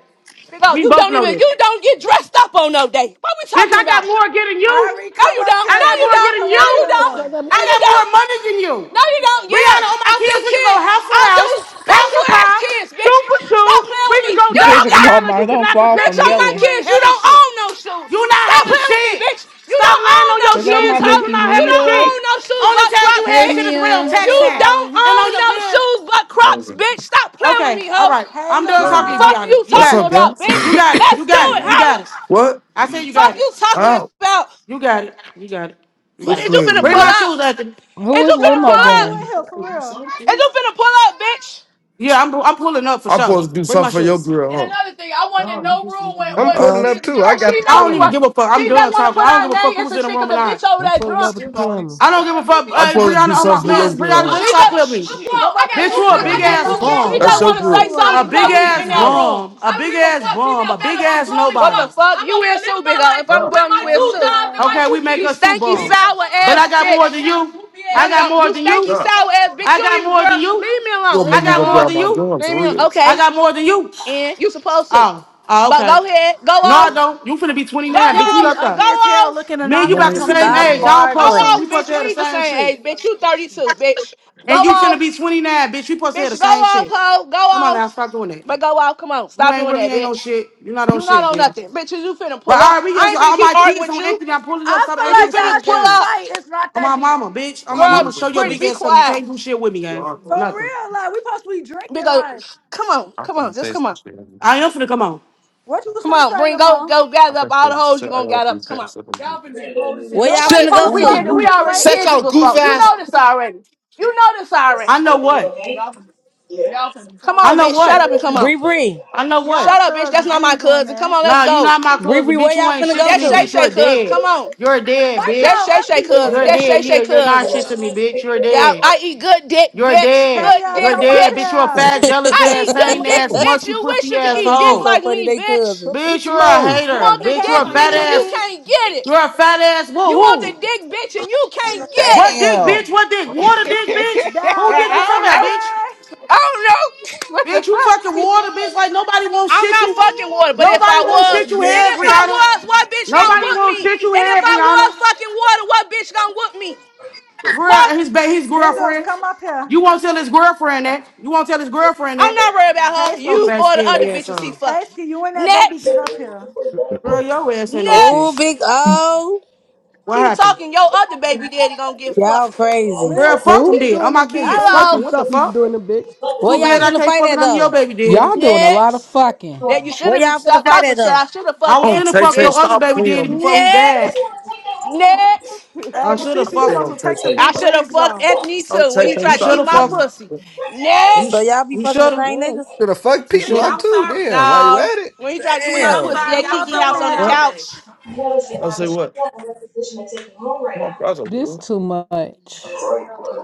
Speaker 3: Big O,
Speaker 4: We
Speaker 3: you
Speaker 4: both
Speaker 3: don't
Speaker 4: know
Speaker 3: even you
Speaker 4: this.
Speaker 3: don't get dressed up on no day. What we
Speaker 4: Bitch,
Speaker 3: talking
Speaker 4: I got
Speaker 3: about?
Speaker 4: more getting you.
Speaker 1: Ari,
Speaker 3: No,
Speaker 1: come
Speaker 3: you
Speaker 1: up
Speaker 3: don't.
Speaker 4: I
Speaker 3: No,
Speaker 1: here.
Speaker 4: got
Speaker 3: you
Speaker 4: more
Speaker 1: JG,
Speaker 3: don't.
Speaker 4: getting
Speaker 3: No,
Speaker 1: come
Speaker 4: you.
Speaker 1: up
Speaker 3: you
Speaker 2: Motherfucker
Speaker 3: don't.
Speaker 2: like
Speaker 1: here.
Speaker 2: that
Speaker 3: No,
Speaker 4: I
Speaker 3: you
Speaker 4: got more
Speaker 3: don't.
Speaker 4: money than you.
Speaker 3: No, you don't.
Speaker 4: Brianna,
Speaker 3: Yeah,
Speaker 4: all my
Speaker 3: I'll
Speaker 4: kids,
Speaker 3: do
Speaker 4: we can go
Speaker 3: kids.
Speaker 4: house for
Speaker 3: I'll
Speaker 4: house,
Speaker 3: do
Speaker 4: car
Speaker 12: Oh
Speaker 3: special
Speaker 4: for
Speaker 3: ass
Speaker 4: car,
Speaker 3: kids, bitch.
Speaker 4: shoe for shoe.
Speaker 3: Stop playing
Speaker 4: We can
Speaker 3: with me.
Speaker 4: go
Speaker 3: You
Speaker 4: dollar
Speaker 3: don't
Speaker 4: for
Speaker 8: Music
Speaker 3: got
Speaker 8: called
Speaker 4: dollar.
Speaker 8: my
Speaker 4: You
Speaker 8: Don't
Speaker 4: cannot
Speaker 8: Fall
Speaker 4: compare
Speaker 3: bitch
Speaker 4: to
Speaker 8: from
Speaker 4: me,
Speaker 3: on my
Speaker 4: bitch. You
Speaker 8: Gelly.
Speaker 4: ain't
Speaker 3: kids. You
Speaker 4: having
Speaker 3: don't
Speaker 4: shit.
Speaker 3: own no shoes.
Speaker 4: You not
Speaker 3: Stop
Speaker 4: having
Speaker 3: playing with me,
Speaker 4: shit.
Speaker 3: bitch. You
Speaker 4: Stop
Speaker 3: don't
Speaker 4: lying
Speaker 3: own
Speaker 4: on
Speaker 3: no
Speaker 4: your
Speaker 8: Is that
Speaker 4: kids,
Speaker 3: shoes,
Speaker 8: my
Speaker 4: bitch.
Speaker 3: hoe.
Speaker 4: You
Speaker 8: bookie
Speaker 4: not
Speaker 3: You
Speaker 4: having
Speaker 3: don't
Speaker 8: Mia?
Speaker 4: shit.
Speaker 3: own no shoes
Speaker 4: Only
Speaker 3: but
Speaker 4: time you
Speaker 3: Crocs,
Speaker 8: Hey
Speaker 4: had shit
Speaker 3: bitch.
Speaker 4: is real
Speaker 8: Mia.
Speaker 1: There we
Speaker 4: tax
Speaker 1: are,
Speaker 3: You
Speaker 4: time.
Speaker 3: don't
Speaker 1: Ari.
Speaker 4: And on
Speaker 3: own
Speaker 4: your
Speaker 3: no
Speaker 4: man.
Speaker 3: shoes but Crocs, bitch. Stop playing with
Speaker 4: Okay,
Speaker 3: me,
Speaker 4: all
Speaker 3: hoe.
Speaker 4: right.
Speaker 1: Hey,
Speaker 4: I'm done talking to
Speaker 1: Lamar.
Speaker 4: you,
Speaker 3: Fuck
Speaker 4: Brianna.
Speaker 3: you
Speaker 4: You
Speaker 13: What's
Speaker 4: got
Speaker 3: talking
Speaker 13: up,
Speaker 4: it.
Speaker 13: guy?
Speaker 3: about, bitch.
Speaker 4: You
Speaker 2: boy.
Speaker 4: got it.
Speaker 3: Let's
Speaker 4: You
Speaker 3: do
Speaker 4: got it.
Speaker 3: it,
Speaker 4: You got
Speaker 3: huh?
Speaker 4: it.
Speaker 13: What?
Speaker 4: I said you
Speaker 3: Fuck
Speaker 4: got it.
Speaker 3: you talking
Speaker 1: Hey,
Speaker 13: Ow.
Speaker 3: about.
Speaker 4: You got it. You got it. You
Speaker 3: But
Speaker 4: got
Speaker 13: Who's
Speaker 3: is
Speaker 4: it.
Speaker 3: you finna
Speaker 13: playing,
Speaker 3: pull
Speaker 13: me,
Speaker 4: Bring my
Speaker 13: man?
Speaker 3: up?
Speaker 4: shoes, Anthony.
Speaker 8: Who
Speaker 3: Is
Speaker 8: is
Speaker 3: you finna
Speaker 1: Sean,
Speaker 8: Limo
Speaker 3: pull
Speaker 1: why
Speaker 3: up?
Speaker 1: you
Speaker 8: Gang?
Speaker 1: in here, for real?
Speaker 3: Is you finna pull up, bitch?
Speaker 4: Yeah, I'm I'm pulling up for
Speaker 13: I'm
Speaker 4: sure.
Speaker 13: supposed to do
Speaker 4: Bring my
Speaker 13: something for your
Speaker 4: shoes.
Speaker 3: And
Speaker 13: girl,
Speaker 3: another thing, I wanted
Speaker 13: huh?
Speaker 3: no room when
Speaker 2: I'm
Speaker 3: when when
Speaker 2: pulling
Speaker 13: Uh,
Speaker 3: she
Speaker 2: up too. I
Speaker 3: Girl,
Speaker 2: got
Speaker 3: she
Speaker 2: the
Speaker 4: I
Speaker 3: know
Speaker 4: don't
Speaker 3: we
Speaker 4: even
Speaker 2: camera.
Speaker 3: want.
Speaker 4: give a fuck. I'm
Speaker 3: She
Speaker 4: done
Speaker 3: doesn't want to
Speaker 4: talking. I
Speaker 3: put
Speaker 4: don't
Speaker 3: our
Speaker 4: give a fuck
Speaker 3: name in
Speaker 4: who's
Speaker 3: some
Speaker 4: in the
Speaker 3: chick of
Speaker 4: room or
Speaker 3: the
Speaker 4: not.
Speaker 3: bitch over
Speaker 2: I'm
Speaker 3: there
Speaker 2: pulling up
Speaker 3: drunk.
Speaker 2: with the camera.
Speaker 4: I don't give a
Speaker 3: Don't give
Speaker 4: fuck.
Speaker 3: me your
Speaker 13: I'm
Speaker 4: Hey,
Speaker 13: supposed
Speaker 3: salad,
Speaker 13: to
Speaker 4: Brianna,
Speaker 13: do
Speaker 3: cause
Speaker 4: oh
Speaker 3: I'm
Speaker 4: my
Speaker 13: something for your
Speaker 3: grown.
Speaker 4: man, Brianna,
Speaker 3: I'm,
Speaker 13: girl,
Speaker 3: She
Speaker 4: just
Speaker 3: I'm,
Speaker 4: stop playing with
Speaker 3: does.
Speaker 4: me.
Speaker 3: I'm grown.
Speaker 1: Come
Speaker 3: I
Speaker 1: up
Speaker 3: got
Speaker 1: in
Speaker 4: Bitch,
Speaker 3: two.
Speaker 1: here,
Speaker 4: you
Speaker 2: You
Speaker 4: a
Speaker 3: cl- I
Speaker 2: gotta
Speaker 4: big
Speaker 1: skinny.
Speaker 3: got
Speaker 1: You
Speaker 2: get
Speaker 3: two
Speaker 2: this
Speaker 4: ass
Speaker 1: know when
Speaker 2: on
Speaker 3: big. She
Speaker 1: I
Speaker 13: huh?
Speaker 4: bomb.
Speaker 13: That's
Speaker 3: doesn't
Speaker 2: camera.
Speaker 1: start,
Speaker 13: your
Speaker 3: want
Speaker 1: it's
Speaker 3: to say
Speaker 13: girl.
Speaker 3: I'm
Speaker 1: over
Speaker 4: A
Speaker 3: something I'm
Speaker 1: with.
Speaker 3: because
Speaker 4: big
Speaker 3: grown we was as in
Speaker 4: ass
Speaker 3: that fuck. room.
Speaker 4: bomb.
Speaker 3: I
Speaker 4: A
Speaker 3: don't
Speaker 4: big
Speaker 3: give a
Speaker 4: ass
Speaker 3: fuck. Give me
Speaker 4: bomb.
Speaker 3: a
Speaker 4: A big
Speaker 3: ballot. I'm
Speaker 4: ass
Speaker 3: grown as What fuck.
Speaker 4: nobody.
Speaker 3: the fuck. I'm You over too, big up. If I'm with grown, you is
Speaker 1: Hey,
Speaker 3: too. jobs and
Speaker 1: Nicole.
Speaker 3: my
Speaker 4: Okay,
Speaker 3: two
Speaker 4: we make
Speaker 3: You kids.
Speaker 4: us two
Speaker 3: stanky Leave
Speaker 4: bombs.
Speaker 3: sour
Speaker 4: But
Speaker 3: ass
Speaker 4: I got
Speaker 3: bitch.
Speaker 4: more than you.
Speaker 3: No, you
Speaker 4: I got
Speaker 3: don't. You
Speaker 4: more than you.
Speaker 3: stanky sour ass bitch. You
Speaker 4: I
Speaker 3: don't
Speaker 4: got
Speaker 3: even,
Speaker 4: more than
Speaker 3: girl.
Speaker 4: you.
Speaker 3: Leave me
Speaker 13: You
Speaker 3: alone.
Speaker 13: gonna
Speaker 4: I
Speaker 3: Leave
Speaker 13: make
Speaker 3: me
Speaker 13: me
Speaker 4: got
Speaker 13: go
Speaker 4: more
Speaker 3: alone.
Speaker 13: grab
Speaker 4: than
Speaker 13: my
Speaker 4: you.
Speaker 13: gun
Speaker 3: Leave
Speaker 13: for
Speaker 3: me alone.
Speaker 13: real?
Speaker 3: Okay.
Speaker 4: I got more than you.
Speaker 3: And you supposed to.
Speaker 4: Oh, oh,
Speaker 3: But go
Speaker 4: okay.
Speaker 3: ahead. Go
Speaker 4: No, I
Speaker 3: off.
Speaker 4: don't. You finna be
Speaker 3: Go
Speaker 4: 29, bitch.
Speaker 1: People
Speaker 4: We
Speaker 1: be
Speaker 3: off.
Speaker 4: up there.
Speaker 3: Go
Speaker 1: ugly as hell
Speaker 3: off.
Speaker 1: looking
Speaker 4: Me and
Speaker 13: I'm
Speaker 4: you
Speaker 13: on
Speaker 4: about
Speaker 1: anonymous
Speaker 4: the
Speaker 13: to get
Speaker 1: coming
Speaker 13: to
Speaker 4: same
Speaker 1: in
Speaker 13: my
Speaker 14: Stop
Speaker 1: here.
Speaker 4: age. I
Speaker 13: gun.
Speaker 4: don't
Speaker 3: Go
Speaker 4: post to.
Speaker 14: bargaining.
Speaker 4: We
Speaker 3: off,
Speaker 4: supposed to
Speaker 3: bitch.
Speaker 4: have
Speaker 3: We
Speaker 4: the
Speaker 3: ain't the
Speaker 4: same
Speaker 3: same
Speaker 4: shit.
Speaker 3: age, bitch. You 32, bitch. Go
Speaker 4: And you finna
Speaker 3: off.
Speaker 4: be 29, bitch. We supposed to have the
Speaker 3: Bitch, go
Speaker 4: same
Speaker 3: off,
Speaker 4: shit.
Speaker 3: hoe. Go
Speaker 4: Come on now,
Speaker 3: off.
Speaker 4: stop doing that.
Speaker 3: But go off. Come on.
Speaker 4: You
Speaker 3: Stop
Speaker 4: ain't
Speaker 3: doing
Speaker 4: really
Speaker 3: that,
Speaker 4: ain't no
Speaker 3: bitch.
Speaker 4: shit. you not on
Speaker 3: You not
Speaker 4: shit,
Speaker 3: on
Speaker 4: bitch.
Speaker 3: nothing. Bitch, is you finna
Speaker 4: But
Speaker 3: pull up.
Speaker 4: all right, we
Speaker 3: I
Speaker 4: just
Speaker 3: ain't finna
Speaker 4: all
Speaker 3: keep
Speaker 4: my
Speaker 3: arguing
Speaker 4: kids
Speaker 3: with
Speaker 4: on
Speaker 3: you.
Speaker 4: Anthony. I pulled it up.
Speaker 1: I
Speaker 4: Stop
Speaker 3: If
Speaker 1: feel
Speaker 4: asking
Speaker 3: you
Speaker 4: the
Speaker 1: like
Speaker 3: finna
Speaker 4: same
Speaker 1: y'all
Speaker 3: pull
Speaker 1: shouldn't
Speaker 3: up,
Speaker 4: things.
Speaker 1: fight. It's not
Speaker 4: On
Speaker 1: that
Speaker 4: my
Speaker 1: deep.
Speaker 4: mama, bitch. On my mama,
Speaker 3: girl,
Speaker 4: show your
Speaker 3: pretty,
Speaker 4: big
Speaker 3: be
Speaker 4: ass something. You
Speaker 3: quiet.
Speaker 4: can't do shit with me, gang.
Speaker 1: For
Speaker 4: Nothing.
Speaker 1: real, like, we supposed to be drinking,
Speaker 3: Because
Speaker 1: like,
Speaker 3: come on,
Speaker 13: I
Speaker 3: come
Speaker 13: can
Speaker 3: on, just
Speaker 13: say
Speaker 3: come on.
Speaker 13: some
Speaker 4: I am
Speaker 13: shit.
Speaker 4: finna come on.
Speaker 1: what you was
Speaker 3: Come
Speaker 1: finna
Speaker 3: on,
Speaker 1: say,
Speaker 3: bring go
Speaker 1: Lamar?
Speaker 3: go
Speaker 13: I
Speaker 3: gather up
Speaker 13: think
Speaker 3: all
Speaker 13: they
Speaker 3: the hoes you
Speaker 13: said I
Speaker 3: gonna
Speaker 13: gotta
Speaker 3: gather
Speaker 13: do
Speaker 3: up. Come
Speaker 13: that.
Speaker 3: on.
Speaker 13: so
Speaker 3: Y'all finna be cold as
Speaker 14: Where
Speaker 3: hell
Speaker 14: y'all
Speaker 3: outside.
Speaker 13: Shit!
Speaker 1: Nobody's
Speaker 14: finna
Speaker 3: Oh,
Speaker 14: go
Speaker 1: gonna
Speaker 3: we
Speaker 13: Ooh,
Speaker 1: fuck
Speaker 3: did
Speaker 14: to?
Speaker 3: it.
Speaker 1: you
Speaker 3: We
Speaker 13: ooh.
Speaker 1: this
Speaker 3: already
Speaker 1: late.
Speaker 13: Shut
Speaker 3: did this
Speaker 13: your goof
Speaker 3: before. You
Speaker 13: ass!
Speaker 3: know this already. You know this
Speaker 4: I
Speaker 3: already.
Speaker 4: know what.
Speaker 3: Y'all can Come
Speaker 4: I
Speaker 3: on,
Speaker 4: know
Speaker 3: bitch. Shut
Speaker 4: what.
Speaker 3: up and come
Speaker 14: Bree
Speaker 3: on.
Speaker 14: Bree.
Speaker 4: I know
Speaker 1: Y'all
Speaker 4: what.
Speaker 3: Shut up, bitch. That's
Speaker 1: cousins,
Speaker 3: not
Speaker 1: we
Speaker 3: my
Speaker 1: ain't doing
Speaker 3: cousin. Come
Speaker 1: that.
Speaker 3: on, let's
Speaker 4: Nah, you
Speaker 3: go.
Speaker 4: not my
Speaker 14: Bree
Speaker 4: cousin,
Speaker 14: Bree, where
Speaker 4: bitch. You
Speaker 14: y'all
Speaker 4: ain't
Speaker 14: finna
Speaker 4: shit
Speaker 14: go
Speaker 4: to
Speaker 3: That's
Speaker 4: me,
Speaker 3: Shay
Speaker 14: to?
Speaker 4: bitch.
Speaker 3: Shay
Speaker 4: You're
Speaker 3: cousin.
Speaker 4: dead.
Speaker 3: Come on.
Speaker 4: You're dead,
Speaker 1: Fight
Speaker 3: That's
Speaker 4: bitch.
Speaker 1: y'all
Speaker 3: Shay Shay
Speaker 1: auntie
Speaker 3: cousin.
Speaker 4: You're
Speaker 1: then.
Speaker 3: That's Shay
Speaker 4: dead.
Speaker 3: Shay
Speaker 4: Yeah, you're not
Speaker 3: cousin.
Speaker 4: shit to me, bitch. You're
Speaker 3: Yeah,
Speaker 4: dead.
Speaker 3: I eat good dick,
Speaker 4: You're
Speaker 3: bitch.
Speaker 4: dead.
Speaker 3: Good
Speaker 1: Taya,
Speaker 4: You're
Speaker 3: dick,
Speaker 1: come up
Speaker 4: dead, bitch.
Speaker 3: bitch.
Speaker 4: You're a
Speaker 1: here.
Speaker 4: fat, jealous
Speaker 2: Come
Speaker 3: I
Speaker 2: eat
Speaker 4: ass,
Speaker 3: eat
Speaker 2: some
Speaker 3: good
Speaker 4: sane ass,
Speaker 3: dick,
Speaker 2: more.
Speaker 3: bitch.
Speaker 4: musty
Speaker 3: You wish
Speaker 4: pussy
Speaker 3: you could
Speaker 4: ass
Speaker 14: Well,
Speaker 3: eat
Speaker 14: this
Speaker 3: dick
Speaker 14: shit
Speaker 4: hoe.
Speaker 14: so
Speaker 3: like
Speaker 14: funny,
Speaker 3: me,
Speaker 14: they
Speaker 3: bitch.
Speaker 14: cousin.
Speaker 2: Come eat
Speaker 4: Bitch,
Speaker 2: some
Speaker 4: you're a
Speaker 2: more.
Speaker 3: You
Speaker 4: hater.
Speaker 3: want
Speaker 1: Hey,
Speaker 3: the
Speaker 4: Bitch, you're
Speaker 3: dick,
Speaker 4: a fat
Speaker 3: bitch, and you
Speaker 4: ass.
Speaker 1: Cassie.
Speaker 3: can't get it.
Speaker 4: You're a fat ass. Well,
Speaker 3: You want
Speaker 4: who?
Speaker 3: the dick, bitch, and you can't get
Speaker 4: What
Speaker 3: it.
Speaker 4: dick,
Speaker 15: Damn,
Speaker 4: bitch? What dick? Water dick, bitch? Who
Speaker 1: Bell,
Speaker 4: dick you
Speaker 1: buddy.
Speaker 3: I don't
Speaker 4: talking about,
Speaker 3: know.
Speaker 4: bitch?
Speaker 3: I don't know. what the
Speaker 4: Bitch, you fucking
Speaker 3: fuck?
Speaker 4: water, bitch. Like nobody wants
Speaker 3: I'm
Speaker 4: shit
Speaker 3: not
Speaker 4: you.
Speaker 3: fucking water, but if
Speaker 4: Nobody
Speaker 3: I
Speaker 4: wants
Speaker 3: was,
Speaker 4: shit you
Speaker 3: and
Speaker 4: had,
Speaker 3: if
Speaker 15: bitch.
Speaker 4: Brianna.
Speaker 3: I was, what bitch gonna
Speaker 4: Nobody
Speaker 3: whoop
Speaker 4: wants
Speaker 3: me?
Speaker 4: shit you
Speaker 3: And if
Speaker 4: had,
Speaker 3: I was
Speaker 4: Brianna.
Speaker 3: fucking water, what bitch gonna whoop me?
Speaker 4: Girl,
Speaker 3: What?
Speaker 4: his ba- his
Speaker 1: Giggles,
Speaker 4: girlfriend.
Speaker 1: come up here.
Speaker 4: You won't tell his girlfriend that. You won't tell his girlfriend
Speaker 3: I'm
Speaker 4: that.
Speaker 3: not worried about her.
Speaker 4: Yo,
Speaker 1: Tasty.
Speaker 3: You
Speaker 4: fat
Speaker 3: or the other
Speaker 4: scary ass
Speaker 3: bitches he
Speaker 4: on.
Speaker 3: fucking.
Speaker 1: Tasty, you and that baby
Speaker 3: Next,
Speaker 1: get up here.
Speaker 4: Girl, your ass ain't no
Speaker 14: Oh,
Speaker 4: shit.
Speaker 3: next.
Speaker 14: big O.
Speaker 4: What
Speaker 3: Keep
Speaker 4: happened?
Speaker 3: talking. Your other baby daddy gonna get
Speaker 14: Y'all
Speaker 3: fucked.
Speaker 14: crazy.
Speaker 2: Man,
Speaker 4: Girl, fuck
Speaker 2: don't
Speaker 4: them
Speaker 8: Who?
Speaker 2: keep
Speaker 4: then. All
Speaker 2: doing
Speaker 4: my
Speaker 2: them dicks.
Speaker 4: kids.
Speaker 2: Don't let
Speaker 4: Fuck
Speaker 3: Hello.
Speaker 2: them
Speaker 4: them. What the
Speaker 2: stop you from
Speaker 4: fuck?
Speaker 2: doing them dicks.
Speaker 14: Where
Speaker 2: All
Speaker 4: Too
Speaker 14: y'all
Speaker 4: bad
Speaker 2: right.
Speaker 4: I
Speaker 14: finna
Speaker 4: can't
Speaker 14: fight
Speaker 4: fuck it
Speaker 14: at
Speaker 4: on your
Speaker 14: though?
Speaker 4: baby
Speaker 8: Y'all
Speaker 4: daddy.
Speaker 8: doing a lot of
Speaker 3: Next.
Speaker 8: fucking.
Speaker 3: That you should
Speaker 14: Where
Speaker 3: have
Speaker 14: y'all finna
Speaker 3: stopped
Speaker 14: fight
Speaker 3: talking.
Speaker 14: at
Speaker 3: Shit,
Speaker 14: though?
Speaker 3: I should have
Speaker 4: I
Speaker 3: fucked
Speaker 4: was
Speaker 13: Oh,
Speaker 4: finna
Speaker 3: Anthony,
Speaker 13: Tay
Speaker 4: fuck
Speaker 13: Tay,
Speaker 4: your
Speaker 3: bitch.
Speaker 4: other
Speaker 13: stop
Speaker 4: baby daddy
Speaker 13: playing.
Speaker 4: before he died.
Speaker 3: Next, next.
Speaker 4: I
Speaker 1: Hey,
Speaker 4: should
Speaker 13: I
Speaker 4: have
Speaker 1: Cece, tell
Speaker 13: said,
Speaker 4: fucked
Speaker 1: us
Speaker 13: oh,
Speaker 1: to
Speaker 4: him.
Speaker 13: Tay
Speaker 1: take the
Speaker 13: Tay.
Speaker 3: I
Speaker 1: big
Speaker 3: should have
Speaker 1: wigs
Speaker 3: fucked
Speaker 1: off.
Speaker 3: Anthony
Speaker 13: Oh,
Speaker 3: too when
Speaker 13: Tay
Speaker 3: he
Speaker 13: Tay,
Speaker 4: You
Speaker 3: tried to
Speaker 4: should
Speaker 13: stop
Speaker 3: eat
Speaker 4: have
Speaker 3: my
Speaker 4: fucked
Speaker 13: playing.
Speaker 4: him.
Speaker 3: pussy.
Speaker 4: You,
Speaker 3: Next.
Speaker 14: So
Speaker 4: sh-
Speaker 14: y'all be
Speaker 4: you
Speaker 14: fucking the
Speaker 4: should
Speaker 2: Yeah,
Speaker 4: have.
Speaker 14: same
Speaker 2: you
Speaker 14: niggas?
Speaker 2: Should have fucked
Speaker 4: You
Speaker 2: P
Speaker 6: Twin,
Speaker 4: should
Speaker 2: Block
Speaker 4: have.
Speaker 6: I'm
Speaker 2: too.
Speaker 6: sorry,
Speaker 2: Damn, while
Speaker 6: twin.
Speaker 2: you at
Speaker 3: No,
Speaker 2: it.
Speaker 3: when he tried to eat
Speaker 6: Twin,
Speaker 3: my
Speaker 6: I'm
Speaker 3: pussy
Speaker 15: Damn.
Speaker 6: sorry.
Speaker 3: at
Speaker 1: Come
Speaker 6: I
Speaker 1: up
Speaker 6: was
Speaker 3: Kiki
Speaker 6: up
Speaker 1: here,
Speaker 3: house on
Speaker 6: on
Speaker 3: the
Speaker 6: here all
Speaker 13: What?
Speaker 6: day.
Speaker 3: couch,
Speaker 1: Max.
Speaker 13: I'll say what? My brother,
Speaker 8: This
Speaker 13: you
Speaker 8: too much.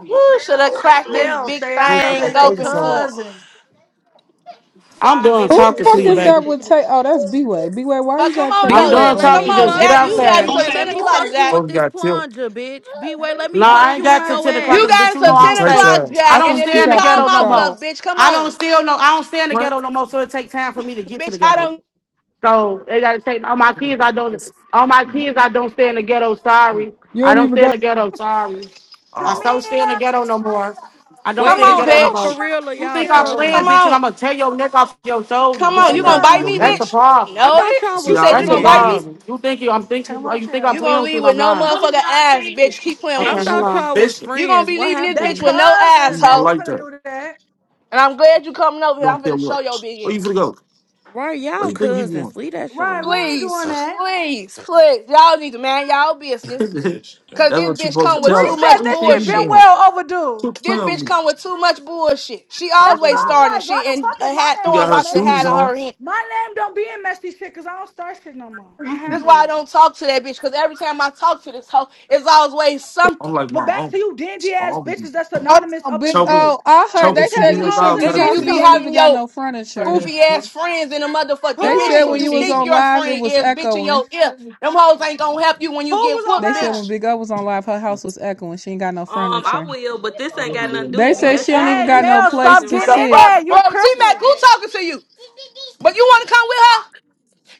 Speaker 3: woo, should have cracked this
Speaker 1: Mel,
Speaker 3: big
Speaker 1: stay
Speaker 13: you
Speaker 1: out
Speaker 13: be
Speaker 1: of it.
Speaker 3: thing
Speaker 13: like
Speaker 1: They
Speaker 13: talking
Speaker 3: open
Speaker 13: somewhere.
Speaker 3: for him.
Speaker 1: cousins.
Speaker 6: That's
Speaker 4: I'm
Speaker 6: why I've
Speaker 8: Who
Speaker 4: done
Speaker 6: been
Speaker 8: the
Speaker 4: talking
Speaker 6: there,
Speaker 4: to
Speaker 8: fuck
Speaker 4: you,
Speaker 8: is
Speaker 6: twin.
Speaker 8: that
Speaker 4: baby.
Speaker 8: with Tay? Oh, that's B-Way. B-Way, why
Speaker 3: But
Speaker 8: you
Speaker 3: come
Speaker 8: got
Speaker 3: on
Speaker 8: Taylor
Speaker 4: I'm
Speaker 3: though,
Speaker 8: foot
Speaker 16: B-Way,
Speaker 4: done
Speaker 8: on
Speaker 16: let
Speaker 3: come
Speaker 8: your
Speaker 4: talking.
Speaker 16: me
Speaker 3: on,
Speaker 4: Just
Speaker 16: fuck
Speaker 8: thing?
Speaker 4: get
Speaker 3: Jack. You
Speaker 16: you.
Speaker 3: got
Speaker 4: outside.
Speaker 3: until
Speaker 16: B-Way,
Speaker 11: me?
Speaker 16: let
Speaker 3: ten
Speaker 16: me
Speaker 3: o'clock,
Speaker 16: fuck you
Speaker 3: Jack.
Speaker 16: with
Speaker 13: Folks
Speaker 16: this
Speaker 13: got killed.
Speaker 16: plunger, bitch. B-Way, let me
Speaker 4: No,
Speaker 16: fuck
Speaker 4: I
Speaker 1: Hey,
Speaker 4: ain't
Speaker 16: you in
Speaker 4: got to
Speaker 16: your
Speaker 4: 10 o'clock
Speaker 1: D-Money.
Speaker 3: You
Speaker 16: ass.
Speaker 4: because,
Speaker 3: got
Speaker 4: bitch, you
Speaker 13: He
Speaker 4: know,
Speaker 3: until
Speaker 4: I
Speaker 13: from
Speaker 3: ten
Speaker 4: don't stay.
Speaker 3: o'clock,
Speaker 13: Texas.
Speaker 4: I
Speaker 8: I
Speaker 3: Jack.
Speaker 4: don't
Speaker 3: And
Speaker 8: think
Speaker 3: if
Speaker 8: he
Speaker 4: stay
Speaker 3: you
Speaker 4: in the
Speaker 8: got
Speaker 3: call
Speaker 4: ghetto
Speaker 8: kicked
Speaker 3: my
Speaker 4: no
Speaker 8: out.
Speaker 4: more.
Speaker 3: bluff, bitch, come
Speaker 4: I don't
Speaker 3: on,
Speaker 4: still know. I don't stay in the
Speaker 13: What?
Speaker 4: ghetto no more, so it takes time for me to get to the
Speaker 3: bitch. I
Speaker 4: ghetto.
Speaker 3: don't.
Speaker 4: So they gotta take all my kids. I don't. All my kids. I don't stay in the ghetto. Sorry,
Speaker 8: You
Speaker 4: I
Speaker 8: don't
Speaker 4: don't
Speaker 8: even
Speaker 4: stay in
Speaker 8: got
Speaker 4: the ghetto. Sorry, I
Speaker 13: Oh,
Speaker 4: don't stay in the
Speaker 1: Tamia.
Speaker 4: ghetto no more. I don't
Speaker 3: Come
Speaker 16: Wait,
Speaker 4: stay in the
Speaker 16: is
Speaker 3: on,
Speaker 4: ghetto no
Speaker 16: y'all for
Speaker 4: more.
Speaker 1: Tamia,
Speaker 3: bitch.
Speaker 1: I
Speaker 16: real or
Speaker 4: You
Speaker 1: miss
Speaker 16: y'all
Speaker 4: think I'm
Speaker 1: you.
Speaker 4: playing,
Speaker 3: Come
Speaker 16: trolling?
Speaker 4: bitch, and I'm
Speaker 3: on,
Speaker 4: gonna tear your neck off your shoulders?
Speaker 3: come
Speaker 13: you
Speaker 4: bitch.
Speaker 3: on.
Speaker 13: see
Speaker 1: Get
Speaker 3: You
Speaker 4: That's
Speaker 13: how
Speaker 3: gonna
Speaker 13: I
Speaker 4: the
Speaker 13: do
Speaker 3: bite
Speaker 13: your
Speaker 3: me,
Speaker 1: Gus.
Speaker 4: that's
Speaker 13: man?
Speaker 4: the
Speaker 3: bitch?
Speaker 4: problem.
Speaker 16: I
Speaker 3: Know
Speaker 16: thought
Speaker 3: it?
Speaker 13: You
Speaker 16: y'all
Speaker 13: see
Speaker 3: You
Speaker 16: was
Speaker 13: how
Speaker 3: said
Speaker 13: I
Speaker 3: you
Speaker 13: do
Speaker 4: That's the
Speaker 3: gonna
Speaker 13: your
Speaker 3: bite
Speaker 16: friends.
Speaker 13: man?
Speaker 3: me.
Speaker 4: problem. You think you? I'm thinking.
Speaker 1: Come up
Speaker 4: You think I'm
Speaker 3: You
Speaker 1: here.
Speaker 4: playing
Speaker 3: gonna
Speaker 4: with you?
Speaker 3: leave
Speaker 4: And
Speaker 3: with
Speaker 4: I'm
Speaker 3: no
Speaker 4: lying.
Speaker 13: don't even
Speaker 3: motherfucker
Speaker 13: know how to say
Speaker 3: ass,
Speaker 13: it.
Speaker 3: bitch. Keep playing with
Speaker 16: I
Speaker 4: Okay,
Speaker 3: me.
Speaker 4: hold
Speaker 16: thought
Speaker 13: Bishop.
Speaker 4: on.
Speaker 16: y'all was
Speaker 13: Bishop.
Speaker 3: You gonna
Speaker 16: friends.
Speaker 3: be
Speaker 16: What
Speaker 3: leaving
Speaker 1: They
Speaker 3: this bitch with
Speaker 16: happened?
Speaker 3: no
Speaker 13: You
Speaker 3: ass,
Speaker 1: cousins. We
Speaker 13: not
Speaker 3: hoe.
Speaker 1: ain't
Speaker 13: like
Speaker 1: finna
Speaker 13: that. You
Speaker 1: do that.
Speaker 3: And I'm glad you coming over here. I'm
Speaker 13: don't care
Speaker 3: finna show
Speaker 13: what.
Speaker 3: your big
Speaker 13: Where you finna
Speaker 3: ass.
Speaker 13: go?
Speaker 16: Right,
Speaker 13: Where
Speaker 16: y'all
Speaker 13: you think you
Speaker 16: cousins.
Speaker 13: going?
Speaker 16: Leave that shit
Speaker 1: Right, we
Speaker 16: alone.
Speaker 1: ain't
Speaker 3: Please,
Speaker 1: doing that.
Speaker 3: please, please. Y'all need to man y'all business.
Speaker 13: Bishop. man.
Speaker 3: Cause
Speaker 13: That's
Speaker 3: this
Speaker 13: what you
Speaker 3: bitch
Speaker 13: supposed to
Speaker 3: come with
Speaker 13: tell
Speaker 1: Bree
Speaker 3: too
Speaker 13: her.
Speaker 1: said
Speaker 13: Where
Speaker 3: much
Speaker 13: you
Speaker 1: this
Speaker 13: think you
Speaker 1: shit been
Speaker 3: bullshit.
Speaker 13: going?
Speaker 1: well overdue.
Speaker 13: Took
Speaker 3: This
Speaker 13: playing with
Speaker 3: bitch
Speaker 13: me.
Speaker 3: come with too much bullshit. She
Speaker 13: She ain't
Speaker 1: That's
Speaker 13: going
Speaker 1: all
Speaker 3: always
Speaker 13: nowhere.
Speaker 3: starting
Speaker 1: I'm like, why
Speaker 3: shit
Speaker 1: the
Speaker 3: and
Speaker 1: fuck
Speaker 3: uh,
Speaker 1: is my
Speaker 3: had
Speaker 13: You
Speaker 1: name in
Speaker 3: throwing
Speaker 13: got
Speaker 1: no
Speaker 13: her
Speaker 3: rocks and
Speaker 1: messy
Speaker 3: had
Speaker 13: shoes
Speaker 3: in
Speaker 1: shit?
Speaker 13: on.
Speaker 3: her hand.
Speaker 1: My name don't be in messy shit because I don't start shit no more.
Speaker 13: Where
Speaker 1: I
Speaker 13: you can
Speaker 3: That's
Speaker 13: go?
Speaker 3: why
Speaker 1: handle
Speaker 3: I
Speaker 1: it.
Speaker 3: don't talk to that bitch. Cause every time I talk to this hoe, it's always
Speaker 13: I'm
Speaker 3: something.
Speaker 13: like my
Speaker 1: But back to
Speaker 13: uncle.
Speaker 1: you dingy
Speaker 13: My
Speaker 1: ass
Speaker 13: uncle be
Speaker 1: bitches that's
Speaker 8: Hold
Speaker 1: anonymous
Speaker 8: on,
Speaker 1: up in
Speaker 8: big
Speaker 1: the
Speaker 13: choking,
Speaker 1: goo.
Speaker 8: oh, I heard
Speaker 1: Let
Speaker 13: choking
Speaker 1: me
Speaker 8: they
Speaker 1: tell
Speaker 8: said
Speaker 1: you
Speaker 8: you
Speaker 13: females
Speaker 1: hoes
Speaker 8: shouldn't
Speaker 13: out
Speaker 1: in
Speaker 8: be
Speaker 1: the
Speaker 3: And
Speaker 13: type
Speaker 3: then
Speaker 13: of
Speaker 1: goo
Speaker 3: you
Speaker 13: thing.
Speaker 8: talking.
Speaker 3: be
Speaker 8: You don't
Speaker 1: something.
Speaker 3: having
Speaker 8: even got
Speaker 3: your
Speaker 8: no furniture.
Speaker 3: goofy ass friends and the motherfucker, the
Speaker 8: They
Speaker 3: bitches
Speaker 8: said
Speaker 3: who
Speaker 8: when
Speaker 1: Who?
Speaker 3: you
Speaker 8: you was
Speaker 3: think
Speaker 8: on
Speaker 3: your
Speaker 8: live it
Speaker 3: friend
Speaker 8: was
Speaker 3: is, bitching
Speaker 8: echoing.
Speaker 3: your ear. Them hoes ain't gonna help you when
Speaker 1: Who
Speaker 3: you get
Speaker 8: They
Speaker 3: whooped,
Speaker 1: was
Speaker 8: said
Speaker 1: on live?
Speaker 3: bitch.
Speaker 8: when Big O was on live, her house was echoing. She ain't got no
Speaker 6: Um, I
Speaker 8: furniture.
Speaker 6: will, but this ain't got nothing to do
Speaker 8: They
Speaker 6: with me.
Speaker 8: said
Speaker 6: That's
Speaker 8: she don't
Speaker 6: y'all.
Speaker 8: even
Speaker 1: Hey,
Speaker 6: That's
Speaker 8: got
Speaker 6: your
Speaker 8: no
Speaker 1: Mel,
Speaker 8: place
Speaker 1: stop
Speaker 6: cousin,
Speaker 8: to
Speaker 1: getting
Speaker 6: right?
Speaker 3: The
Speaker 1: in
Speaker 8: sit.
Speaker 3: fuck?
Speaker 1: there,
Speaker 3: Bro,
Speaker 1: you
Speaker 3: T Mac,
Speaker 1: cripple.
Speaker 3: who talking to you? But you want to come with her?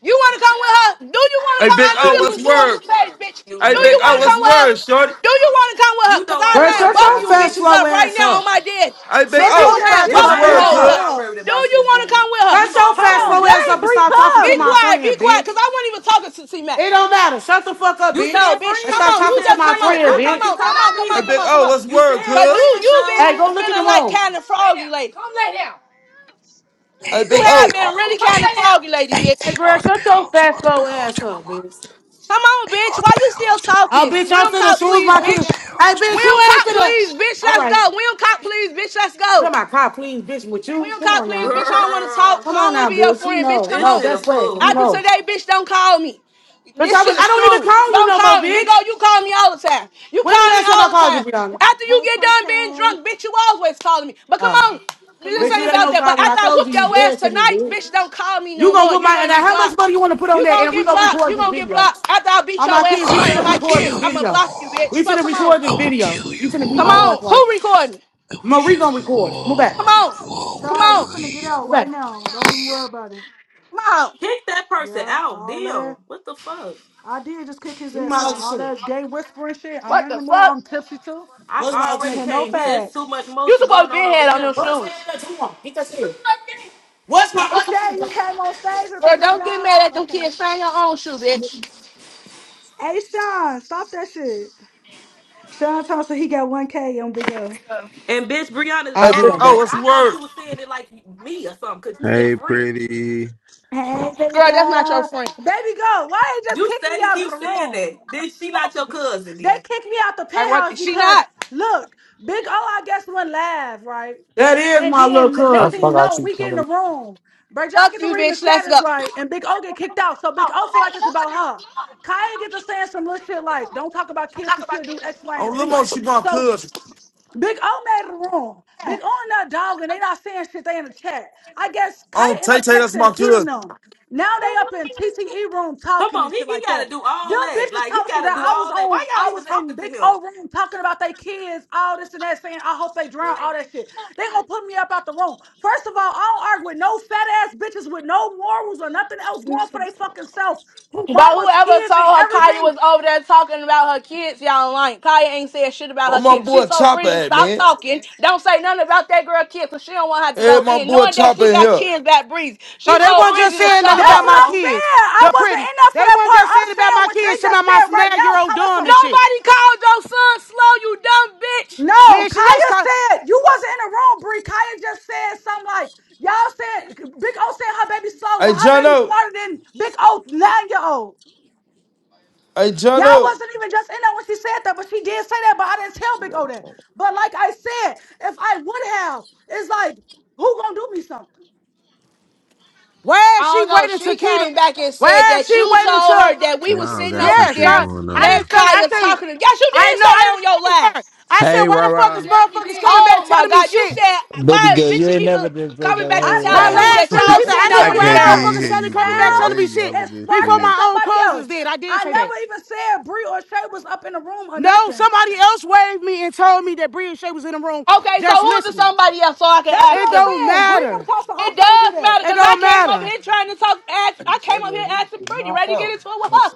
Speaker 3: You want to come with her? Do you want to
Speaker 13: Hey,
Speaker 3: come?
Speaker 13: Big
Speaker 3: I knew
Speaker 13: O,
Speaker 3: this
Speaker 13: what's
Speaker 3: was you on
Speaker 13: word?
Speaker 3: this page, bitch.
Speaker 6: You
Speaker 13: Hey,
Speaker 3: Do
Speaker 13: Big
Speaker 3: you want
Speaker 13: O,
Speaker 3: to
Speaker 6: gay.
Speaker 13: what's
Speaker 3: come with her?
Speaker 13: word, shorty?
Speaker 3: Do you want to come with her?
Speaker 6: You
Speaker 3: Cause
Speaker 6: know
Speaker 3: I
Speaker 6: I ain't
Speaker 4: Bro,
Speaker 3: line
Speaker 6: worried
Speaker 4: shut
Speaker 3: both
Speaker 4: your
Speaker 3: you
Speaker 6: about
Speaker 4: fat,
Speaker 6: you.
Speaker 3: bitches
Speaker 4: slow
Speaker 3: up right
Speaker 4: ass
Speaker 3: now on
Speaker 4: up.
Speaker 3: my dead.
Speaker 13: Hey, Big
Speaker 3: Bitch,
Speaker 4: Shut
Speaker 3: I
Speaker 1: She
Speaker 13: O,
Speaker 3: was
Speaker 4: your
Speaker 1: said
Speaker 3: line
Speaker 4: fat,
Speaker 6: You
Speaker 1: she'll
Speaker 13: what's
Speaker 3: both
Speaker 4: slow
Speaker 6: know.
Speaker 3: you
Speaker 1: line
Speaker 6: You
Speaker 13: word,
Speaker 4: ass
Speaker 6: know
Speaker 1: y'all
Speaker 3: hoes
Speaker 6: I'm
Speaker 4: up.
Speaker 6: not
Speaker 13: cuz?
Speaker 3: up.
Speaker 1: up.
Speaker 6: worried
Speaker 3: Do
Speaker 6: about
Speaker 3: you
Speaker 6: you,
Speaker 3: want to
Speaker 6: Jimmy.
Speaker 3: come with her?
Speaker 6: You
Speaker 4: Shut
Speaker 6: know
Speaker 4: your
Speaker 6: I'm
Speaker 1: Hold
Speaker 6: not
Speaker 4: fat,
Speaker 6: worried
Speaker 1: on,
Speaker 4: slow
Speaker 1: that
Speaker 6: about
Speaker 4: ass
Speaker 1: ain't
Speaker 4: up and
Speaker 6: you.
Speaker 1: Bree
Speaker 4: stop talking
Speaker 3: Be
Speaker 4: to my
Speaker 1: Cousin,
Speaker 3: quiet, be
Speaker 4: friend,
Speaker 3: quiet,
Speaker 4: bitch.
Speaker 3: cause I wasn't even talking to T Mac.
Speaker 4: It don't matter. Shut the fuck up,
Speaker 6: You
Speaker 4: bitch.
Speaker 3: No,
Speaker 6: said
Speaker 3: bitch,
Speaker 4: And
Speaker 3: come
Speaker 4: stop
Speaker 6: friends.
Speaker 3: on,
Speaker 6: You
Speaker 3: you
Speaker 4: talking
Speaker 6: said
Speaker 4: to
Speaker 3: just
Speaker 4: my
Speaker 3: come on,
Speaker 6: friends.
Speaker 3: you
Speaker 4: friend,
Speaker 6: I
Speaker 3: come
Speaker 6: thought
Speaker 4: bitch.
Speaker 6: you
Speaker 3: on,
Speaker 6: talking
Speaker 3: come on,
Speaker 6: about
Speaker 3: come
Speaker 13: Hey,
Speaker 3: on,
Speaker 6: me.
Speaker 3: come
Speaker 13: Big
Speaker 3: on, come
Speaker 13: O,
Speaker 3: on.
Speaker 13: what's
Speaker 6: You
Speaker 13: word,
Speaker 6: said
Speaker 3: Cause you
Speaker 13: cuz?
Speaker 6: friends
Speaker 3: you
Speaker 6: though.
Speaker 4: Hey, go
Speaker 3: been
Speaker 4: look in
Speaker 3: feeling
Speaker 4: the
Speaker 3: like
Speaker 4: room.
Speaker 3: kind of froggy lately.
Speaker 17: Hey,
Speaker 13: Hey,
Speaker 3: You
Speaker 13: Big
Speaker 17: hey, hey,
Speaker 3: have
Speaker 13: O,
Speaker 17: all,
Speaker 3: been really kind
Speaker 17: hey,
Speaker 3: of foggy, lady,
Speaker 17: hey,
Speaker 4: Hey,
Speaker 17: hey,
Speaker 3: bitch.
Speaker 4: girl,
Speaker 17: all the
Speaker 4: shut your
Speaker 17: bells,
Speaker 4: fat,
Speaker 17: all the
Speaker 4: slow
Speaker 17: bells,
Speaker 4: ass
Speaker 17: check my
Speaker 4: up,
Speaker 17: line.
Speaker 4: bitch.
Speaker 3: Come on,
Speaker 17: Hey,
Speaker 3: bitch.
Speaker 17: all the
Speaker 3: Why you still
Speaker 17: bells, check my
Speaker 4: Oh,
Speaker 3: talking?
Speaker 17: line.
Speaker 4: bitch, I'm
Speaker 3: Will
Speaker 4: finna
Speaker 3: cop,
Speaker 4: shoes
Speaker 3: please,
Speaker 4: my
Speaker 17: All
Speaker 3: bitch.
Speaker 17: the
Speaker 4: kid. Hey,
Speaker 17: bells, check
Speaker 4: bitch,
Speaker 17: my
Speaker 3: Will
Speaker 4: you ain't
Speaker 3: cop,
Speaker 17: line.
Speaker 3: please,
Speaker 4: finna.
Speaker 3: bitch.
Speaker 4: All
Speaker 3: Let's
Speaker 4: right.
Speaker 3: go. Will cop, please, bitch. Let's go.
Speaker 4: Come my car, please, bitch, with
Speaker 3: We
Speaker 4: you.
Speaker 3: don't
Speaker 4: Come
Speaker 3: call,
Speaker 4: on
Speaker 3: please,
Speaker 4: now.
Speaker 3: bitch. I don't want to talk.
Speaker 6: Girl,
Speaker 3: I
Speaker 4: Come
Speaker 3: don't
Speaker 4: on
Speaker 3: want to
Speaker 4: now,
Speaker 3: be your
Speaker 4: bitch. You
Speaker 3: friend, bitch.
Speaker 4: know.
Speaker 3: Come
Speaker 6: this
Speaker 4: No,
Speaker 3: on.
Speaker 6: shit a
Speaker 4: that's right. You
Speaker 3: After
Speaker 6: fool.
Speaker 4: know.
Speaker 3: today, bitch, don't call me.
Speaker 4: Bitch,
Speaker 3: This
Speaker 4: I,
Speaker 3: shit
Speaker 4: was, I
Speaker 3: is
Speaker 4: don't
Speaker 3: through.
Speaker 4: even call you
Speaker 3: Don't
Speaker 4: no
Speaker 3: call
Speaker 4: more,
Speaker 3: me. Big
Speaker 4: bitch.
Speaker 3: O, you call me all the time. You
Speaker 4: When the
Speaker 3: call me
Speaker 4: last time I
Speaker 3: all the
Speaker 4: called
Speaker 3: time.
Speaker 4: you, Brianna?
Speaker 3: After you
Speaker 1: Hey,
Speaker 3: get done being
Speaker 1: Cortez.
Speaker 3: drunk, bitch, you always calling me. But come
Speaker 4: Uh,
Speaker 3: on.
Speaker 1: Come
Speaker 3: This
Speaker 4: bitch!
Speaker 1: on,
Speaker 4: see,
Speaker 3: ain't
Speaker 4: ain't
Speaker 3: about
Speaker 4: no
Speaker 1: blessing.
Speaker 3: that. But
Speaker 4: Connie, I
Speaker 3: after I
Speaker 4: told
Speaker 3: whoop
Speaker 4: you you
Speaker 3: your ass
Speaker 4: dead to me,
Speaker 3: tonight,
Speaker 4: bitch.
Speaker 3: bitch, don't call me
Speaker 4: You
Speaker 3: no
Speaker 4: gonna
Speaker 3: more.
Speaker 4: with
Speaker 3: You're
Speaker 4: my, and
Speaker 3: going to be
Speaker 4: now how much
Speaker 3: blocked.
Speaker 4: money you wanna put on
Speaker 3: You
Speaker 4: that
Speaker 3: gonna
Speaker 4: and we
Speaker 3: get
Speaker 4: gonna
Speaker 3: blocked.
Speaker 4: record
Speaker 3: You
Speaker 4: this
Speaker 3: gonna get
Speaker 4: video?
Speaker 3: blocked. After I beat
Speaker 4: All my
Speaker 3: your ass
Speaker 4: kids, we
Speaker 3: tonight
Speaker 17: I
Speaker 3: on
Speaker 4: finna
Speaker 3: my
Speaker 17: will
Speaker 4: record this
Speaker 3: kids,
Speaker 17: kill you
Speaker 3: I'ma
Speaker 4: video.
Speaker 3: block you, bitch.
Speaker 17: all.
Speaker 4: We
Speaker 3: So
Speaker 4: finna
Speaker 3: come on.
Speaker 4: record
Speaker 17: I
Speaker 4: this
Speaker 17: will
Speaker 4: video.
Speaker 17: kill
Speaker 4: You
Speaker 17: you
Speaker 4: finna be
Speaker 3: Come
Speaker 4: my ass,
Speaker 3: on.
Speaker 17: all.
Speaker 4: right?
Speaker 3: Who recording?
Speaker 17: I will
Speaker 4: Marie
Speaker 17: kill
Speaker 4: gonna
Speaker 17: you
Speaker 4: record. Move
Speaker 3: Come
Speaker 4: back.
Speaker 17: all.
Speaker 3: on.
Speaker 17: You all will
Speaker 3: Come
Speaker 1: Charles, you
Speaker 3: on.
Speaker 1: finna get
Speaker 17: die.
Speaker 1: out
Speaker 4: Move
Speaker 1: right
Speaker 4: back.
Speaker 1: now. Don't even worry about it.
Speaker 3: Come on.
Speaker 6: Kick that person
Speaker 1: Yeah,
Speaker 6: out.
Speaker 1: all
Speaker 6: Damn.
Speaker 1: that.
Speaker 6: What the fuck?
Speaker 1: I did just kick his
Speaker 4: Give me
Speaker 1: ass
Speaker 4: my other
Speaker 1: out. All
Speaker 4: shit.
Speaker 1: that gay whispering shit. I'm
Speaker 3: What
Speaker 1: in
Speaker 3: the
Speaker 1: the mood.
Speaker 3: fuck?
Speaker 1: I'm tipsy too.
Speaker 6: I
Speaker 4: Where's my other
Speaker 1: I Wanna
Speaker 6: already
Speaker 4: shit?
Speaker 1: hear no
Speaker 6: can't hear. It's too
Speaker 1: facts.
Speaker 6: much
Speaker 3: You
Speaker 6: motion
Speaker 3: supposed to
Speaker 6: going
Speaker 3: be
Speaker 6: on over
Speaker 3: had on them
Speaker 6: here.
Speaker 4: What's
Speaker 3: shoes.
Speaker 4: that you want? Get that shit. What's my
Speaker 1: Hey,
Speaker 4: other shit?
Speaker 1: Shay, you came on stage with the
Speaker 3: Girl,
Speaker 1: big
Speaker 3: don't get
Speaker 1: dog.
Speaker 3: mad at them
Speaker 1: Okay.
Speaker 3: kids. Find your own shoe, bitch.
Speaker 1: Hey, Sean, stop that shit. Sean Thompson, he got 1K on Big O.
Speaker 6: And bitch, Brianna,
Speaker 13: hey,
Speaker 4: I'll do
Speaker 13: Big
Speaker 4: that
Speaker 6: um,
Speaker 13: O,
Speaker 6: bitch,
Speaker 4: back.
Speaker 13: what's
Speaker 6: I thought
Speaker 13: word?
Speaker 6: you was saying it like me or something, cause you said
Speaker 18: Hey,
Speaker 6: friends.
Speaker 18: pretty.
Speaker 1: Hey, baby
Speaker 3: Girl, that's not your
Speaker 1: girl.
Speaker 3: friend.
Speaker 1: Baby girl, why you just
Speaker 6: You
Speaker 1: kick
Speaker 6: said
Speaker 1: me
Speaker 6: he
Speaker 1: out of the
Speaker 6: keeps saying that.
Speaker 1: room?
Speaker 6: Then she not your cousin
Speaker 1: They
Speaker 6: then.
Speaker 1: kicked me out the
Speaker 3: Like
Speaker 1: penthouse
Speaker 3: what she
Speaker 1: because
Speaker 3: not?
Speaker 1: look, Big O, I guess went live, right?
Speaker 4: That is
Speaker 1: And
Speaker 4: my little
Speaker 1: then n-
Speaker 19: I
Speaker 1: next thing you
Speaker 4: cousin.
Speaker 19: forgot
Speaker 1: know,
Speaker 19: you
Speaker 1: we get in
Speaker 19: coming
Speaker 1: the room. Bray John
Speaker 3: Fuck
Speaker 1: get to
Speaker 3: you,
Speaker 1: reading the
Speaker 3: bitch. Let's
Speaker 1: status
Speaker 3: go.
Speaker 1: right, and Big O get kicked out. So Big O feel like it's about her. Kaya get to saying some little shit like, "Don't talk about kids because she'll do X, Y,
Speaker 13: On
Speaker 1: and
Speaker 13: Lil
Speaker 1: Z."
Speaker 13: Mo, she my
Speaker 1: So
Speaker 13: cuz.
Speaker 1: Big O made the room. Big O and that dog, and they not saying shit. They in the chat. I guess
Speaker 13: On
Speaker 1: Kite end
Speaker 13: Tay
Speaker 1: up
Speaker 13: Tay, that's my
Speaker 1: texting Keaton
Speaker 13: cuz.
Speaker 1: them. Now they up in TTE room
Speaker 6: Come
Speaker 1: talking
Speaker 6: on,
Speaker 1: and
Speaker 6: he,
Speaker 1: shit
Speaker 6: he
Speaker 1: like that.
Speaker 6: gotta do
Speaker 1: Them
Speaker 6: all that.
Speaker 1: bitches
Speaker 6: Like he
Speaker 1: told some
Speaker 6: gotta
Speaker 1: that
Speaker 6: do
Speaker 1: I was
Speaker 6: all that. Why
Speaker 1: on. I
Speaker 6: y'all even
Speaker 1: was in
Speaker 6: talking to
Speaker 1: Big
Speaker 6: him?
Speaker 1: O room talking about they kids, all this and that, saying I hope they drown, all that shit. They gonna put me up out the room. First of all, I don't argue with no fat ass bitches with no morals or nothing else going for they fucking self. Who
Speaker 3: But
Speaker 1: mama's
Speaker 3: whoever
Speaker 1: kids and
Speaker 3: told her Kaya
Speaker 1: everything
Speaker 3: was over there talking about her kids, y'all lying. Kaya ain't said shit about
Speaker 13: Where
Speaker 3: her
Speaker 13: my
Speaker 3: kids. She
Speaker 13: boy
Speaker 3: told
Speaker 13: Chopper
Speaker 3: Breezy,
Speaker 13: at,
Speaker 3: stop
Speaker 13: man?
Speaker 3: talking. Don't say nothing about that girl kid, because she don't want her to
Speaker 13: Hey,
Speaker 3: go
Speaker 13: my
Speaker 3: in.
Speaker 13: boy
Speaker 3: Knowing that
Speaker 13: Chopper
Speaker 3: she
Speaker 13: in
Speaker 3: got
Speaker 13: here.
Speaker 3: kids that Breezy. She
Speaker 4: So they
Speaker 6: Come
Speaker 3: told
Speaker 4: weren't
Speaker 6: on,
Speaker 4: just
Speaker 3: Breezy to
Speaker 6: shut
Speaker 4: saying
Speaker 3: shut
Speaker 4: nothing
Speaker 6: up,
Speaker 1: That's
Speaker 4: about
Speaker 3: up.
Speaker 1: what
Speaker 4: my
Speaker 1: I'm
Speaker 6: Roro.
Speaker 4: kids.
Speaker 1: saying. I
Speaker 4: They're
Speaker 1: wasn't
Speaker 4: pretty.
Speaker 1: in there for
Speaker 4: They
Speaker 1: that
Speaker 4: weren't
Speaker 1: part.
Speaker 4: just
Speaker 1: I'm
Speaker 4: saying about
Speaker 1: saying
Speaker 4: my
Speaker 1: what they
Speaker 4: kids. Some of
Speaker 1: just
Speaker 4: my
Speaker 1: said right
Speaker 4: nine
Speaker 1: now.
Speaker 4: year
Speaker 1: I'm
Speaker 4: old
Speaker 1: telling
Speaker 4: dumb
Speaker 1: some.
Speaker 4: and shit.
Speaker 3: Nobody called your son slow, you dumb bitch.
Speaker 1: No,
Speaker 4: Man, she just
Speaker 1: Kaya
Speaker 4: called.
Speaker 1: said you wasn't in the room, Bree. Kaya just said something like y'all said. Big O said her baby slow.
Speaker 13: Hey,
Speaker 1: Well, her
Speaker 13: John
Speaker 1: baby
Speaker 13: O,
Speaker 1: smarter than Big O nine year old.
Speaker 13: hey, John
Speaker 1: Y'all
Speaker 13: O.
Speaker 1: wasn't even just in there when she said that, but she did say that. But I didn't tell Big O that. But like I said, if I would have, it's like who gonna do me something?
Speaker 4: Why
Speaker 3: I
Speaker 4: is she
Speaker 3: don't know.
Speaker 4: waiting to
Speaker 3: She
Speaker 4: Keita?
Speaker 3: came back and said
Speaker 4: Why is
Speaker 3: that
Speaker 4: she
Speaker 3: you
Speaker 4: waiting
Speaker 3: told
Speaker 4: to?
Speaker 3: her that we was
Speaker 18: Y'all
Speaker 3: sitting
Speaker 18: got
Speaker 3: over
Speaker 18: some
Speaker 4: Yes,
Speaker 18: shit
Speaker 3: there,
Speaker 4: y'all.
Speaker 18: going
Speaker 4: I
Speaker 18: on.
Speaker 3: let
Speaker 4: didn't say. I
Speaker 3: Kaya
Speaker 4: say.
Speaker 3: talk to them. Yes, you
Speaker 4: I
Speaker 3: did say
Speaker 4: know.
Speaker 3: that
Speaker 4: I
Speaker 3: on your
Speaker 4: didn't say
Speaker 3: live.
Speaker 4: her. I said,
Speaker 18: Hey,
Speaker 4: why the fuck
Speaker 3: You
Speaker 18: Rara.
Speaker 4: is
Speaker 3: definitely
Speaker 4: motherfuckers
Speaker 3: did.
Speaker 4: coming
Speaker 3: Oh
Speaker 4: back
Speaker 3: my
Speaker 4: telling me
Speaker 3: God! You
Speaker 4: shit?
Speaker 3: said
Speaker 20: Baby
Speaker 3: why is
Speaker 20: girl,
Speaker 3: bitch
Speaker 20: you ain't never
Speaker 3: even
Speaker 20: just say
Speaker 3: coming
Speaker 20: no,
Speaker 3: back and
Speaker 1: I
Speaker 20: hey,
Speaker 1: said
Speaker 4: My
Speaker 3: telling
Speaker 1: it
Speaker 3: me
Speaker 20: rah
Speaker 1: was
Speaker 4: lab
Speaker 3: that
Speaker 4: still
Speaker 1: three
Speaker 3: y'all
Speaker 4: up there.
Speaker 1: people
Speaker 4: I
Speaker 1: in
Speaker 3: sitting
Speaker 1: there
Speaker 18: I
Speaker 4: said,
Speaker 3: over
Speaker 1: with a
Speaker 4: why
Speaker 20: rah.
Speaker 18: can't even
Speaker 3: there?
Speaker 4: are
Speaker 1: mod.
Speaker 4: motherfuckers
Speaker 18: hear
Speaker 1: Get
Speaker 4: telling
Speaker 18: you,
Speaker 4: coming back
Speaker 18: blood.
Speaker 4: telling
Speaker 1: Styles
Speaker 18: They
Speaker 4: me shit
Speaker 18: yelling
Speaker 1: and
Speaker 18: this
Speaker 1: Sparks
Speaker 4: before
Speaker 1: and
Speaker 18: shit.
Speaker 4: my own
Speaker 1: somebody
Speaker 4: cousins
Speaker 1: else.
Speaker 4: did? I did
Speaker 1: I
Speaker 4: say that.
Speaker 1: never even said Bree or Shay was up in the room or
Speaker 4: No,
Speaker 1: nothing.
Speaker 4: somebody else waved me and told me that Bree and Shay was in the room
Speaker 3: Okay, so
Speaker 4: just
Speaker 3: who is it
Speaker 4: listening.
Speaker 3: somebody else so I can
Speaker 1: That's what
Speaker 3: ask
Speaker 4: It
Speaker 1: I'm
Speaker 3: them?
Speaker 4: don't
Speaker 1: saying. Bree never
Speaker 4: matter.
Speaker 1: talks to I
Speaker 3: It
Speaker 1: told you
Speaker 3: does
Speaker 1: that.
Speaker 3: matter
Speaker 4: It
Speaker 3: because I
Speaker 4: don't
Speaker 3: came over
Speaker 4: matter.
Speaker 3: here trying to talk. Ask, I came up here asking pretty, ready to get into it with her.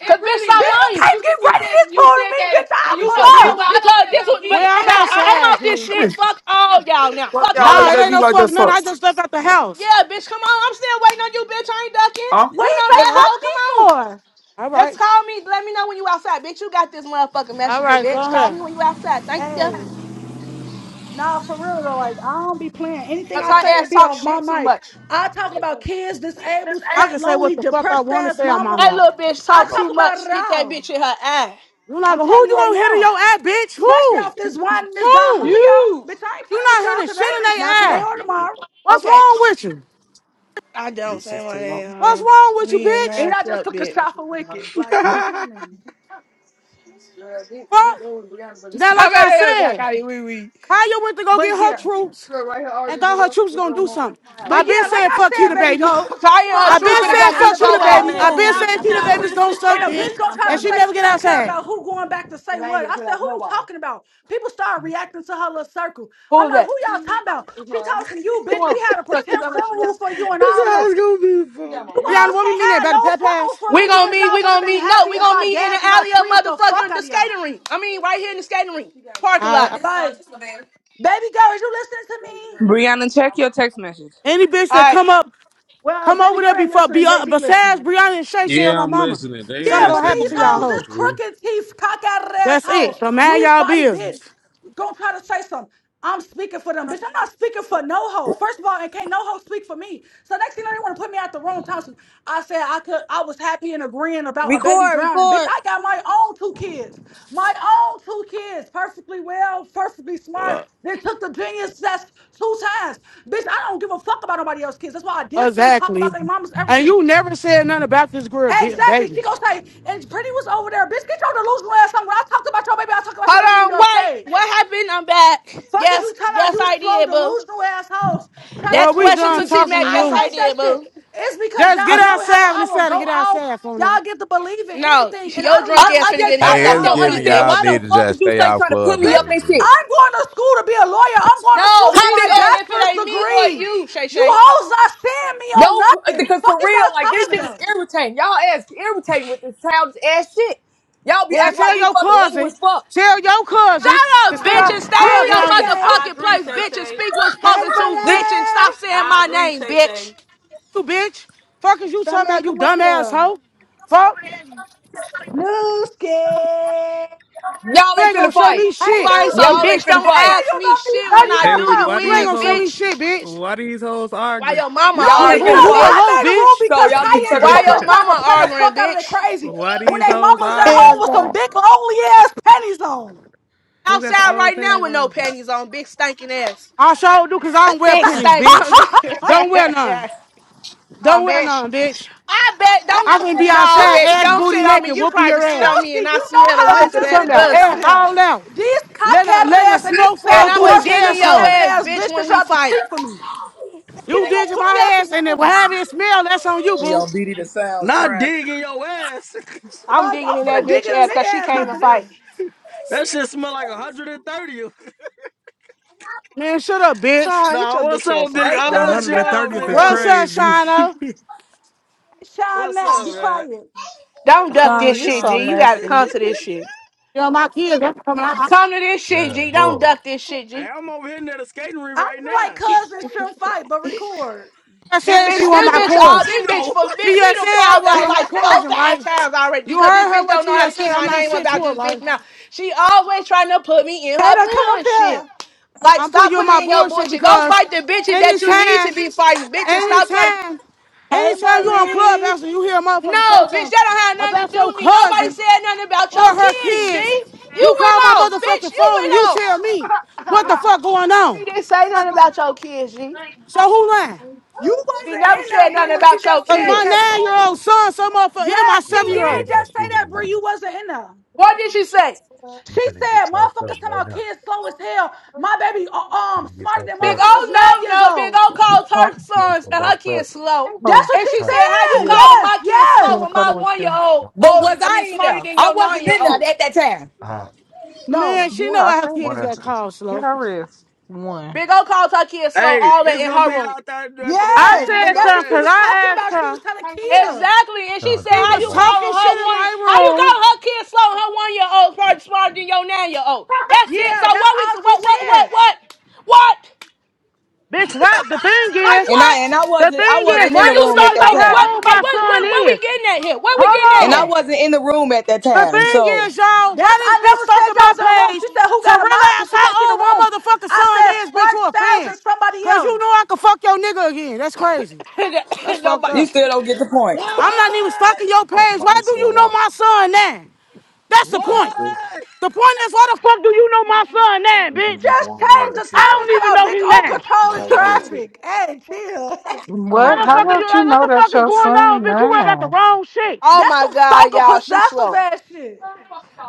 Speaker 3: Cause It Cause bitch, really stop
Speaker 1: Bitch,
Speaker 3: hurt
Speaker 1: you
Speaker 3: lying. when you
Speaker 1: can't get
Speaker 3: you
Speaker 1: ready
Speaker 3: said
Speaker 1: this
Speaker 3: you
Speaker 1: for
Speaker 3: said
Speaker 1: me,
Speaker 3: that and you
Speaker 1: bitch.
Speaker 3: know
Speaker 1: I'll pull
Speaker 3: damn
Speaker 1: up.
Speaker 3: well I don't Because don't this no was, but
Speaker 4: Well, I'm
Speaker 3: but I, I'm
Speaker 4: outside,
Speaker 3: off this
Speaker 4: kid.
Speaker 3: shit. Fuck all y'all now.
Speaker 13: Fuck
Speaker 3: Fuck
Speaker 13: y'all
Speaker 3: all
Speaker 4: Nah,
Speaker 13: looking
Speaker 4: it
Speaker 3: y'all.
Speaker 13: at
Speaker 4: ain't
Speaker 13: me
Speaker 4: no
Speaker 13: like that,
Speaker 4: fuck none.
Speaker 13: fuck.
Speaker 4: I just left out the house.
Speaker 3: Yeah, bitch, come on. I'm still waiting on you, bitch. I ain't ducking.
Speaker 13: Huh?
Speaker 3: You
Speaker 1: what
Speaker 3: know
Speaker 1: he
Speaker 4: You
Speaker 1: say
Speaker 3: that
Speaker 4: know?
Speaker 1: fuck
Speaker 3: hoe.
Speaker 1: me
Speaker 3: Come on.
Speaker 1: for?
Speaker 4: All
Speaker 3: Just
Speaker 4: right.
Speaker 3: call me. Let me know when you outside, bitch. You got this motherfucking
Speaker 4: All
Speaker 3: messenger,
Speaker 4: right, go
Speaker 3: bitch. Call
Speaker 4: ahead.
Speaker 3: me when you outside. Thank you.
Speaker 1: Hey. Nah, for real though, like I don't be playing. Anything
Speaker 3: Cause
Speaker 1: I
Speaker 3: her
Speaker 1: say it
Speaker 3: ass
Speaker 1: be
Speaker 3: talk
Speaker 1: off my
Speaker 3: shit too
Speaker 1: mic.
Speaker 3: much.
Speaker 1: I talk about kids, disabled,
Speaker 4: I
Speaker 1: fat,
Speaker 4: can say what
Speaker 1: lonely,
Speaker 4: the fuck I
Speaker 1: depressed
Speaker 4: want to
Speaker 1: ass
Speaker 4: say on my
Speaker 1: mamas.
Speaker 3: That
Speaker 4: mouth.
Speaker 3: little bitch
Speaker 1: I
Speaker 3: talk
Speaker 1: talk
Speaker 3: too much.
Speaker 1: about it
Speaker 3: Hit that
Speaker 1: all.
Speaker 3: bitch in her eye.
Speaker 4: You like,
Speaker 1: I'm
Speaker 4: who you
Speaker 1: telling you right
Speaker 4: gonna hit in your
Speaker 1: now.
Speaker 4: eye, bitch?
Speaker 1: Especially
Speaker 4: Who?
Speaker 1: off this wine and this Don
Speaker 4: Who?
Speaker 1: Julio.
Speaker 3: You.
Speaker 1: Bitch, I ain't
Speaker 4: You
Speaker 1: playing with
Speaker 4: not
Speaker 1: y'all
Speaker 4: hitting shit in
Speaker 1: today.
Speaker 4: their
Speaker 1: Not today
Speaker 4: eye.
Speaker 1: or tomorrow.
Speaker 4: What's
Speaker 3: Okay.
Speaker 4: wrong with you?
Speaker 3: I don't say my name.
Speaker 4: What's wrong
Speaker 3: huh?
Speaker 4: with you,
Speaker 3: Me and
Speaker 4: bitch?
Speaker 1: And I just
Speaker 3: myself,
Speaker 1: took a
Speaker 3: bitch.
Speaker 1: shot for Wicked. Like,
Speaker 21: this
Speaker 1: stop playing with me.
Speaker 3: Yeah, we we
Speaker 4: Fuck.
Speaker 3: going beyond the
Speaker 4: Now, like I
Speaker 3: Somebody else I
Speaker 4: said,
Speaker 3: got it, wee wee.
Speaker 4: Kaya went to go get
Speaker 1: But
Speaker 4: her
Speaker 1: yeah.
Speaker 4: troops
Speaker 3: Look, right here,
Speaker 4: and
Speaker 3: arguing
Speaker 4: thought
Speaker 3: with
Speaker 4: her
Speaker 3: us.
Speaker 4: troops
Speaker 3: They
Speaker 4: gonna
Speaker 3: don't
Speaker 4: do
Speaker 3: want to
Speaker 4: something.
Speaker 3: now.
Speaker 4: I
Speaker 1: But
Speaker 3: I
Speaker 4: been
Speaker 1: yeah,
Speaker 3: told them,
Speaker 1: like
Speaker 4: saying
Speaker 1: I
Speaker 4: fuck
Speaker 3: you say
Speaker 1: said,
Speaker 3: you
Speaker 4: Kita
Speaker 1: baby
Speaker 3: want to
Speaker 4: baby.
Speaker 3: take
Speaker 1: go.
Speaker 3: that. Fire I
Speaker 1: So
Speaker 3: her
Speaker 4: I
Speaker 1: I
Speaker 6: Fuck
Speaker 3: truth
Speaker 4: been
Speaker 1: come
Speaker 3: finna
Speaker 6: all
Speaker 1: back
Speaker 4: saying
Speaker 3: come
Speaker 6: that.
Speaker 1: out
Speaker 4: fuck
Speaker 3: beat
Speaker 1: of
Speaker 3: your
Speaker 6: Fuck
Speaker 4: Kita
Speaker 1: big
Speaker 6: all
Speaker 3: ass.
Speaker 4: baby.
Speaker 1: old
Speaker 6: that.
Speaker 4: I
Speaker 6: Did
Speaker 4: been
Speaker 1: room.
Speaker 6: y'all
Speaker 4: saying
Speaker 3: I
Speaker 6: get
Speaker 4: Kita
Speaker 6: y'all
Speaker 4: babies don't
Speaker 6: Christmas
Speaker 4: suck
Speaker 1: And a
Speaker 4: dick
Speaker 1: bitch
Speaker 6: presents?
Speaker 1: gonna
Speaker 3: am
Speaker 1: try
Speaker 3: funny
Speaker 4: and
Speaker 1: to
Speaker 3: on
Speaker 4: she
Speaker 1: say
Speaker 4: never
Speaker 1: she
Speaker 3: them.
Speaker 4: get
Speaker 1: don't care
Speaker 4: outside.
Speaker 1: about who going back to say
Speaker 3: I ain't
Speaker 1: what.
Speaker 3: going
Speaker 1: I
Speaker 3: to put
Speaker 1: said,
Speaker 3: out
Speaker 1: who you
Speaker 3: nobody.
Speaker 1: talking about? People started reacting to her little circle.
Speaker 3: Who
Speaker 1: I'm
Speaker 3: is
Speaker 1: like,
Speaker 3: that?
Speaker 1: who y'all talking about?
Speaker 3: It's
Speaker 1: She
Speaker 3: her.
Speaker 1: talks from you,
Speaker 3: Come
Speaker 1: bitch.
Speaker 3: on.
Speaker 1: We had a
Speaker 3: Because she's
Speaker 1: pretend
Speaker 3: already she
Speaker 1: funeral
Speaker 3: got
Speaker 1: for you
Speaker 3: my
Speaker 1: and
Speaker 21: is
Speaker 1: all
Speaker 3: Come
Speaker 21: how
Speaker 1: this.
Speaker 3: on.
Speaker 21: it's gonna be,
Speaker 3: She got
Speaker 21: bro.
Speaker 3: my
Speaker 1: You
Speaker 4: Brianna,
Speaker 3: rework.
Speaker 1: hoes
Speaker 4: what we
Speaker 1: can't
Speaker 4: mean there
Speaker 1: have
Speaker 4: about the
Speaker 1: no
Speaker 4: pet
Speaker 1: phones
Speaker 4: pass?
Speaker 1: from
Speaker 3: We
Speaker 1: me
Speaker 3: gonna
Speaker 1: because
Speaker 3: meet, we
Speaker 1: y'all would have
Speaker 3: gonna
Speaker 1: been
Speaker 3: meet. No,
Speaker 1: happy
Speaker 3: we
Speaker 1: if
Speaker 3: gonna
Speaker 1: I
Speaker 3: meet in the
Speaker 1: died because I
Speaker 3: alley of
Speaker 1: treat the fuck
Speaker 3: motherfucking
Speaker 1: out
Speaker 3: the
Speaker 1: of y'all.
Speaker 3: skating rink. I mean, right here in the skating rink. Parking
Speaker 4: I
Speaker 3: lot.
Speaker 4: I-
Speaker 6: This uh,
Speaker 1: Like,
Speaker 6: just Laverne.
Speaker 1: baby girl, is you listening to me?
Speaker 22: Brianna, check your text message.
Speaker 4: any
Speaker 3: All
Speaker 4: bitch that
Speaker 3: right.
Speaker 4: come up,
Speaker 1: Well,
Speaker 4: come
Speaker 1: baby
Speaker 4: over there
Speaker 1: girl ain't
Speaker 4: before be
Speaker 1: listening.
Speaker 4: uh,
Speaker 1: JG listening.
Speaker 4: besides Brianna and Shay Shay or
Speaker 18: Yeah,
Speaker 4: my
Speaker 18: I'm
Speaker 4: mama.
Speaker 18: listening. They
Speaker 4: Something
Speaker 1: Yeah,
Speaker 18: ass
Speaker 1: but
Speaker 4: gonna
Speaker 18: that
Speaker 4: happen
Speaker 1: these
Speaker 4: to y'all
Speaker 18: yelling
Speaker 1: hoes,
Speaker 18: and
Speaker 1: this
Speaker 4: hoe.
Speaker 18: shit.
Speaker 1: crooked teeth, cockeyed ass
Speaker 4: That's
Speaker 1: hoe,
Speaker 4: it. So mind
Speaker 1: loose
Speaker 4: y'all
Speaker 1: body bitch,
Speaker 4: business.
Speaker 1: gonna try to say something. I'm speaking for them, bitch. I'm not speaking for no hoe. First of all, and can't no hoe speak for me. So next thing you know, they want to put me out the room. Thompson. I said I could. I was happy and agreeing about a baby
Speaker 14: Record,
Speaker 1: drowning, bitch.
Speaker 14: record.
Speaker 1: I got my own two kids, my own two kids, perfectly well, perfectly smart. They took the genius test two times, bitch. I don't give a fuck about nobody else's kids. That's why I diss them, talk about
Speaker 4: Exactly.
Speaker 1: their mamas,
Speaker 4: And
Speaker 1: everything.
Speaker 4: you never said nothing about this girl, ba-
Speaker 1: Exactly. She
Speaker 4: baby.
Speaker 1: gonna say, and Brittany was over there. Bitch, get your delusional ass on. When I talked about your baby, I talked about your baby in
Speaker 3: Hold on,
Speaker 1: your
Speaker 3: wait.
Speaker 1: face.
Speaker 3: What happened? I'm back.
Speaker 1: Fuck is
Speaker 3: Yes,
Speaker 1: you talking about
Speaker 3: yes,
Speaker 1: you
Speaker 3: I
Speaker 1: slow
Speaker 3: did, boo.
Speaker 1: delusional assholes trying to
Speaker 3: That
Speaker 4: Girl, we
Speaker 1: speak for
Speaker 3: question
Speaker 4: done
Speaker 3: to
Speaker 1: me.
Speaker 3: T
Speaker 4: talking to
Speaker 3: Mac,
Speaker 1: I
Speaker 3: yes,
Speaker 4: you.
Speaker 3: I
Speaker 1: hate that
Speaker 3: did,
Speaker 1: shit.
Speaker 3: boo.
Speaker 1: It's because
Speaker 4: Just
Speaker 3: I
Speaker 4: get
Speaker 1: y'all
Speaker 3: s-
Speaker 1: know how
Speaker 4: outside when
Speaker 1: I
Speaker 4: it's
Speaker 1: will
Speaker 4: time
Speaker 1: go
Speaker 4: to get
Speaker 1: off.
Speaker 4: outside for
Speaker 1: Y'all
Speaker 4: now.
Speaker 1: get to believe in
Speaker 3: no,
Speaker 1: anything, and
Speaker 3: your
Speaker 1: I do
Speaker 3: drunk
Speaker 23: I,
Speaker 1: not
Speaker 3: ass
Speaker 23: I
Speaker 1: like
Speaker 3: finna
Speaker 1: that
Speaker 23: just
Speaker 3: get
Speaker 1: shit
Speaker 23: I
Speaker 3: knocked
Speaker 1: at
Speaker 18: Hey,
Speaker 3: off
Speaker 23: just
Speaker 18: it's
Speaker 1: all.
Speaker 3: your
Speaker 23: don't
Speaker 18: giving
Speaker 3: feet,
Speaker 1: Like,
Speaker 23: understand
Speaker 18: y'all
Speaker 3: bitch.
Speaker 23: why
Speaker 18: need
Speaker 23: the
Speaker 18: to
Speaker 23: fuck is
Speaker 18: just
Speaker 23: you
Speaker 18: stay
Speaker 23: stay
Speaker 18: out
Speaker 23: trying to put me up
Speaker 1: bitch,
Speaker 18: clubhouse,
Speaker 23: and
Speaker 18: G.
Speaker 23: shit.
Speaker 1: I'm going to school to be a lawyer. I'm going to
Speaker 3: No,
Speaker 1: school for
Speaker 23: How
Speaker 3: she
Speaker 23: big
Speaker 1: my
Speaker 3: said
Speaker 23: O?
Speaker 3: if it
Speaker 1: bachelor's
Speaker 3: ain't me or
Speaker 1: degree.
Speaker 3: you, Shay
Speaker 1: You
Speaker 3: Shay.
Speaker 1: hoes not seeing me on
Speaker 23: No,
Speaker 1: nothing.
Speaker 23: because
Speaker 1: Fuck
Speaker 23: for
Speaker 1: is
Speaker 23: real,
Speaker 1: y'all
Speaker 23: like this
Speaker 1: talking
Speaker 23: shit is
Speaker 1: about?
Speaker 23: irritating. Y'all ass irritating with this childish ass shit. Y'all be
Speaker 4: Well,
Speaker 23: acting like
Speaker 4: tell
Speaker 23: we
Speaker 4: your
Speaker 23: fucking little
Speaker 4: cousin,
Speaker 23: as fuck.
Speaker 4: tell your
Speaker 3: Shut
Speaker 4: cousin to
Speaker 3: up,
Speaker 4: stay
Speaker 3: bitch, and
Speaker 4: off
Speaker 3: stay in
Speaker 6: I
Speaker 3: your
Speaker 1: Period,
Speaker 4: clubhouse,
Speaker 6: agree.
Speaker 1: Shay.
Speaker 6: I
Speaker 3: motherfucking
Speaker 6: agree,
Speaker 3: place,
Speaker 6: Shay
Speaker 3: bitch, and
Speaker 6: Shay.
Speaker 3: speak what's
Speaker 1: Hey,
Speaker 3: spoken to,
Speaker 23: This,
Speaker 3: bitch, and stop
Speaker 1: brother!
Speaker 3: saying
Speaker 6: I
Speaker 3: my
Speaker 6: agree,
Speaker 3: name,
Speaker 6: Shay
Speaker 3: bitch.
Speaker 6: Shay.
Speaker 4: you bitch. Fuck is you
Speaker 1: Some
Speaker 4: talking
Speaker 1: man
Speaker 4: about, you
Speaker 1: come up
Speaker 4: dumbass
Speaker 1: here.
Speaker 4: hoe? Fuck.
Speaker 1: Newski! Hey,
Speaker 23: y'all
Speaker 4: You
Speaker 23: ain't
Speaker 4: ain't gonna
Speaker 23: finna
Speaker 4: show
Speaker 23: fight.
Speaker 4: me shit.
Speaker 3: Sorry, so
Speaker 1: Newski! Let
Speaker 23: Y'all ain't
Speaker 3: bitch,
Speaker 23: finna
Speaker 3: don't
Speaker 1: me
Speaker 23: fight.
Speaker 1: tell
Speaker 3: ask
Speaker 1: you
Speaker 3: me
Speaker 1: about these
Speaker 3: shit when
Speaker 1: dirty
Speaker 3: I
Speaker 1: ass
Speaker 3: do
Speaker 24: Hey,
Speaker 1: hoes.
Speaker 3: you
Speaker 24: why
Speaker 4: You ain't
Speaker 24: these
Speaker 4: gonna
Speaker 3: in,
Speaker 4: show
Speaker 24: hoes?
Speaker 4: me
Speaker 3: bitch.
Speaker 4: shit, bitch.
Speaker 24: Why these hoes
Speaker 3: Why
Speaker 24: arguing?
Speaker 3: your mama
Speaker 1: No,
Speaker 23: Y'all
Speaker 4: You
Speaker 23: ain't
Speaker 4: who
Speaker 23: finna
Speaker 3: arguing,
Speaker 4: who
Speaker 1: because
Speaker 4: a
Speaker 23: fight.
Speaker 1: I
Speaker 3: bitch?
Speaker 4: hoe,
Speaker 1: made a rule
Speaker 4: bitch?
Speaker 23: So
Speaker 1: because
Speaker 23: y'all get to
Speaker 1: Kaya and
Speaker 23: shut the
Speaker 3: Why
Speaker 23: fuck
Speaker 1: Keita
Speaker 3: your
Speaker 23: up.
Speaker 1: just tried to
Speaker 3: mama
Speaker 1: play the
Speaker 3: arguing,
Speaker 1: fuck out of their
Speaker 3: bitch?
Speaker 1: crazy
Speaker 24: why
Speaker 1: when
Speaker 24: these
Speaker 1: they
Speaker 24: hoes
Speaker 1: mamas at
Speaker 24: arguing?
Speaker 1: home
Speaker 25: Hell
Speaker 1: with
Speaker 25: no.
Speaker 1: some big, lonely ass panties on.
Speaker 24: Who got some
Speaker 3: outside
Speaker 24: old
Speaker 3: right now
Speaker 24: pennies
Speaker 3: with no
Speaker 24: on?
Speaker 3: panties on, big stinking ass.
Speaker 4: I sure do cause I don't wear
Speaker 3: Big
Speaker 4: pennies,
Speaker 3: stinking. I'm
Speaker 4: bitch.
Speaker 3: just.
Speaker 4: Don't wear none.
Speaker 3: oh,
Speaker 4: Don't wear
Speaker 3: bitch.
Speaker 4: none, bitch.
Speaker 3: I bet
Speaker 4: I'm gonna
Speaker 3: don't
Speaker 1: Hey,
Speaker 4: be
Speaker 3: no
Speaker 4: outside,
Speaker 3: bitch,
Speaker 4: ass
Speaker 1: Newski!
Speaker 3: don't
Speaker 4: booty
Speaker 3: sit on me.
Speaker 4: naked,
Speaker 3: You
Speaker 4: whooping your
Speaker 3: probably sit on
Speaker 4: ass.
Speaker 3: me and
Speaker 1: Newski,
Speaker 3: I
Speaker 1: you know
Speaker 3: smell the
Speaker 1: how I
Speaker 4: Fucking
Speaker 3: whiff of
Speaker 4: do
Speaker 1: just
Speaker 3: that
Speaker 4: something
Speaker 1: been
Speaker 4: about
Speaker 1: chilling on
Speaker 4: ass
Speaker 3: pussy.
Speaker 1: here.
Speaker 4: all out.
Speaker 1: These
Speaker 4: Let a,
Speaker 1: cockheaded
Speaker 4: letting the
Speaker 1: ass and this
Speaker 4: snow
Speaker 3: And
Speaker 4: fall
Speaker 1: fat
Speaker 4: through
Speaker 3: I'ma
Speaker 4: this
Speaker 1: dwarf
Speaker 3: dig in
Speaker 1: system
Speaker 3: your
Speaker 4: asshole.
Speaker 1: having
Speaker 3: ass,
Speaker 1: ass
Speaker 3: bitch,
Speaker 1: bitch
Speaker 3: when
Speaker 1: just
Speaker 3: we
Speaker 1: tried to
Speaker 3: fight.
Speaker 1: speak for me. She
Speaker 4: You
Speaker 1: ain't gonna
Speaker 4: digging
Speaker 1: put me out
Speaker 4: my ass
Speaker 1: the
Speaker 4: and it will have
Speaker 1: room.
Speaker 4: it smell, that's on you,
Speaker 15: She
Speaker 4: boo.
Speaker 15: on BD the Sounds
Speaker 21: Not
Speaker 15: frying
Speaker 21: digging your ass.
Speaker 3: I'm
Speaker 1: Like, I'm
Speaker 3: digging in that
Speaker 1: finna dig
Speaker 3: bitch
Speaker 1: in a
Speaker 3: ass
Speaker 1: nigga
Speaker 3: cause she
Speaker 1: ass
Speaker 3: came to
Speaker 1: after
Speaker 3: fight.
Speaker 1: this.
Speaker 21: that shit smell like 130.
Speaker 4: Man, shut up, bitch.
Speaker 3: Sean, get
Speaker 21: Nah,
Speaker 3: your
Speaker 21: what's
Speaker 3: bitch
Speaker 21: up,
Speaker 3: ass on.
Speaker 21: big
Speaker 1: Hey,
Speaker 21: O?
Speaker 24: A
Speaker 1: Sean,
Speaker 21: What's
Speaker 24: hundred
Speaker 21: you
Speaker 1: shut
Speaker 24: and
Speaker 1: up
Speaker 21: up,
Speaker 24: thirty
Speaker 1: for
Speaker 24: of
Speaker 21: big
Speaker 24: is
Speaker 1: real.
Speaker 4: What's
Speaker 21: O?
Speaker 4: up,
Speaker 24: crazy.
Speaker 4: Shino?
Speaker 1: Hey, Sean
Speaker 21: What's
Speaker 1: Mack,
Speaker 21: up,
Speaker 1: be
Speaker 21: man?
Speaker 1: quiet.
Speaker 3: Don't
Speaker 21: I
Speaker 3: duck
Speaker 8: Sean,
Speaker 3: this
Speaker 21: love
Speaker 8: you
Speaker 3: shit,
Speaker 21: y'all,
Speaker 8: so
Speaker 3: G.
Speaker 21: man.
Speaker 3: You gotta
Speaker 8: messy.
Speaker 3: come to this shit.
Speaker 4: Yo, my kids, that's coming out.
Speaker 3: Come to this shit, G. Don't duck this shit, G.
Speaker 21: Hey, I'm over here near the skating rink
Speaker 1: I
Speaker 21: right
Speaker 1: am like
Speaker 21: now.
Speaker 1: cousins shouldn't fight, but record.
Speaker 4: I
Speaker 3: This
Speaker 4: said she
Speaker 3: bitch,
Speaker 8: Oh,
Speaker 21: I'm
Speaker 4: want
Speaker 21: in
Speaker 3: this
Speaker 21: a
Speaker 4: my
Speaker 21: white
Speaker 3: bitch,
Speaker 4: cousin.
Speaker 3: all this bitch,
Speaker 21: Durango.
Speaker 3: for
Speaker 4: She
Speaker 3: bitch, we
Speaker 4: just said
Speaker 3: done
Speaker 4: I
Speaker 3: fought about
Speaker 4: wasn't her
Speaker 3: like four,
Speaker 4: cousin,
Speaker 3: five
Speaker 4: right?
Speaker 3: times already
Speaker 4: You
Speaker 3: because this
Speaker 4: heard her
Speaker 3: bitch
Speaker 4: what
Speaker 3: don't
Speaker 4: she
Speaker 3: know how to
Speaker 4: just said.
Speaker 3: keep
Speaker 4: I'm
Speaker 3: my
Speaker 4: not
Speaker 3: name
Speaker 4: shit to
Speaker 3: about
Speaker 4: her,
Speaker 3: this bitch
Speaker 4: right?
Speaker 3: mouth. She always trying to put me in
Speaker 1: Hey,
Speaker 3: her
Speaker 1: now come up
Speaker 3: bullshit.
Speaker 1: here.
Speaker 3: Like,
Speaker 4: I'm putting
Speaker 3: stop
Speaker 4: you on
Speaker 3: putting me
Speaker 4: my
Speaker 3: in your
Speaker 4: bullshit
Speaker 3: bullshit. Go
Speaker 4: because
Speaker 3: fight the bitches that you need to
Speaker 4: anytime,
Speaker 3: be fighting, bitch, and stop trying to.
Speaker 4: anytime,
Speaker 1: Hey,
Speaker 4: anytime you on clubhouse and
Speaker 1: Maurice.
Speaker 4: you hear a motherfucker say
Speaker 3: No, bitch,
Speaker 4: something
Speaker 3: that don't have nothing to
Speaker 4: about
Speaker 3: do
Speaker 4: your
Speaker 3: with me. Nobody
Speaker 4: cousin
Speaker 3: said nothing about
Speaker 4: or
Speaker 3: your
Speaker 4: her
Speaker 3: kids, G.
Speaker 4: kids, you
Speaker 3: You went
Speaker 4: call my
Speaker 3: off, bitch.
Speaker 4: motherfucking
Speaker 3: You
Speaker 4: phone and you
Speaker 3: went off.
Speaker 4: tell me what the fuck going
Speaker 3: She
Speaker 4: on.
Speaker 3: didn't say nothing about your kids, G.
Speaker 4: So who lying?
Speaker 1: You
Speaker 3: She
Speaker 1: wasn't in
Speaker 3: never said
Speaker 1: there, Brie,
Speaker 3: nothing
Speaker 1: when she
Speaker 3: about your
Speaker 1: just
Speaker 4: Cause
Speaker 1: said
Speaker 4: my
Speaker 3: kids.
Speaker 1: that.
Speaker 4: nine-year-old son, some motherfucker, and my
Speaker 1: Yes, she did
Speaker 4: seven-year-old.
Speaker 1: just say that, Brie. You wasn't in there.
Speaker 3: What did she say?
Speaker 1: She said, motherfuckers talking about kids slow as hell. My baby, uh, um, smarter than
Speaker 3: Big
Speaker 1: motherfuckers nine
Speaker 3: O no
Speaker 1: years
Speaker 3: no Big
Speaker 1: old.
Speaker 3: O called her sons and her kids slow.
Speaker 1: That's
Speaker 8: oh,
Speaker 1: what
Speaker 3: And
Speaker 1: she
Speaker 3: she said, How you
Speaker 1: said.
Speaker 8: yeah.
Speaker 3: calling
Speaker 1: Yes,
Speaker 3: my kids
Speaker 8: You
Speaker 3: slow
Speaker 1: yes.
Speaker 8: want to
Speaker 3: when my
Speaker 8: cuddle with
Speaker 3: one year
Speaker 8: you?
Speaker 3: old
Speaker 23: But
Speaker 3: older
Speaker 23: was
Speaker 3: I mean
Speaker 23: I in
Speaker 3: smarter
Speaker 23: there?
Speaker 3: than
Speaker 23: I
Speaker 3: your nine
Speaker 23: wasn't
Speaker 3: year
Speaker 23: in there
Speaker 3: old?
Speaker 23: at that time.
Speaker 4: Man,
Speaker 1: No.
Speaker 4: she
Speaker 8: Yeah,
Speaker 4: know
Speaker 8: I
Speaker 4: how her
Speaker 8: said one
Speaker 4: kids
Speaker 8: or
Speaker 4: got
Speaker 8: two.
Speaker 4: called
Speaker 8: Get
Speaker 4: slow.
Speaker 8: her wrist. one.
Speaker 3: Big O called her kids slow,
Speaker 21: hey,
Speaker 3: all that
Speaker 21: this
Speaker 3: in
Speaker 21: gonna
Speaker 3: her
Speaker 21: be
Speaker 3: room.
Speaker 21: out there after they
Speaker 4: I
Speaker 21: dig a
Speaker 1: Yes, and
Speaker 4: said
Speaker 21: big O
Speaker 1: that's
Speaker 4: something
Speaker 1: what she
Speaker 21: ass.
Speaker 4: because
Speaker 1: was
Speaker 4: I
Speaker 1: talking
Speaker 4: asked
Speaker 1: about. She was
Speaker 4: her.
Speaker 1: telling Keita.
Speaker 3: Exactly. And she said,
Speaker 4: She
Speaker 3: How
Speaker 4: was
Speaker 3: you calling
Speaker 4: talking shit
Speaker 3: her
Speaker 4: in
Speaker 3: one
Speaker 4: my
Speaker 3: how you
Speaker 4: room.
Speaker 3: calling her kids slow and her one year old probably smarter than your nine year old? That's it. So
Speaker 1: Yeah, that's
Speaker 3: what
Speaker 1: all
Speaker 3: we
Speaker 1: she
Speaker 3: what what what
Speaker 1: said.
Speaker 3: what what?
Speaker 4: Bitch, why the thing
Speaker 3: Like
Speaker 4: is,
Speaker 23: And I
Speaker 3: what?
Speaker 23: and I
Speaker 4: the
Speaker 23: wasn't I
Speaker 4: thing
Speaker 3: Bitch,
Speaker 4: is,
Speaker 23: wasn't in
Speaker 3: when
Speaker 4: why
Speaker 23: the
Speaker 3: you
Speaker 4: you
Speaker 23: room
Speaker 4: don't
Speaker 3: start
Speaker 23: at
Speaker 4: even
Speaker 23: that
Speaker 4: know
Speaker 3: like
Speaker 23: time.
Speaker 3: what
Speaker 4: how old
Speaker 3: like
Speaker 4: my
Speaker 3: what
Speaker 4: son
Speaker 3: what what we
Speaker 4: is?
Speaker 3: getting at here? What we
Speaker 4: Hold
Speaker 23: And I
Speaker 4: on.
Speaker 3: getting
Speaker 23: wasn't in the room at that
Speaker 4: The
Speaker 23: time.
Speaker 4: thing
Speaker 23: So
Speaker 4: is, y'all,
Speaker 1: That's
Speaker 4: why this bitch
Speaker 1: I never said
Speaker 4: stalking
Speaker 1: y'all
Speaker 4: my
Speaker 1: was in the room.
Speaker 4: page
Speaker 1: She said, "Who
Speaker 4: to
Speaker 1: got a mind?" Because
Speaker 4: realize
Speaker 1: she can't see
Speaker 4: how
Speaker 1: the
Speaker 4: old my
Speaker 1: room.
Speaker 4: motherfucking
Speaker 1: I
Speaker 4: son
Speaker 1: said,
Speaker 4: is, bitch,
Speaker 1: "Spark
Speaker 4: you a
Speaker 1: Styles
Speaker 4: fan.
Speaker 1: and somebody
Speaker 4: Cause you
Speaker 1: else."
Speaker 4: know I can fuck your nigga again. That's crazy.
Speaker 3: at
Speaker 4: That's
Speaker 3: here?
Speaker 4: fucked
Speaker 23: you
Speaker 4: up.
Speaker 3: Nobody.
Speaker 23: still don't get the point.
Speaker 4: I'm not even
Speaker 21: what?
Speaker 4: stalking your page. Why do you know my son now? That's the point.
Speaker 21: What?
Speaker 4: The point is, why the fuck do you know my son now, bitch?
Speaker 1: Just change the
Speaker 4: I
Speaker 1: title
Speaker 4: don't
Speaker 1: to
Speaker 4: even
Speaker 1: about
Speaker 4: know
Speaker 1: Big
Speaker 4: him
Speaker 1: O
Speaker 4: now.
Speaker 1: controlling traffic. Hey, chill.
Speaker 3: Oh
Speaker 4: Why
Speaker 3: my
Speaker 8: What?
Speaker 4: the
Speaker 8: How
Speaker 4: fuck are
Speaker 3: god.
Speaker 4: you
Speaker 8: about you
Speaker 4: like, what
Speaker 8: know
Speaker 4: the
Speaker 8: that
Speaker 4: fuck is
Speaker 8: your
Speaker 4: going on,
Speaker 8: son
Speaker 4: bitch? You worry about the
Speaker 8: nine?
Speaker 4: wrong shit.
Speaker 3: Oh
Speaker 1: that's
Speaker 3: my
Speaker 1: some
Speaker 3: god,
Speaker 1: stalker
Speaker 3: y'all. She
Speaker 1: possessive
Speaker 3: slow.
Speaker 1: ass shit.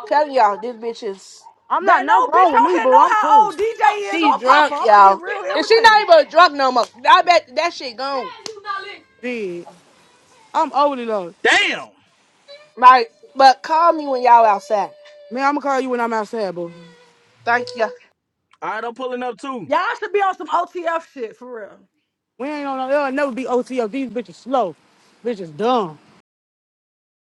Speaker 3: Telling y'all, this bitch is
Speaker 4: I'm not
Speaker 1: But
Speaker 4: nothing
Speaker 1: no bitch
Speaker 4: wrong with
Speaker 1: don't
Speaker 4: me,
Speaker 1: here
Speaker 4: boo.
Speaker 1: know
Speaker 4: I'm
Speaker 1: how
Speaker 4: cool.
Speaker 1: old DJ is
Speaker 3: she
Speaker 1: or Papa.
Speaker 3: drunk,
Speaker 1: I'm gonna get
Speaker 3: y'all.
Speaker 1: real
Speaker 3: And she not
Speaker 1: irritated.
Speaker 3: even drunk no more. I bet that shit gone.
Speaker 4: Dude, I'm overly low.
Speaker 21: Damn. All
Speaker 3: Right. But call me when y'all outside.
Speaker 4: Man, I'm gonna call you when I'm outside, boo.
Speaker 3: Thank you.
Speaker 21: right, I'm pulling up too.
Speaker 1: Y'all should be on some OTF shit for real.
Speaker 4: We ain't on, it'll never be OTO. These bitches slow. Bitches dumb.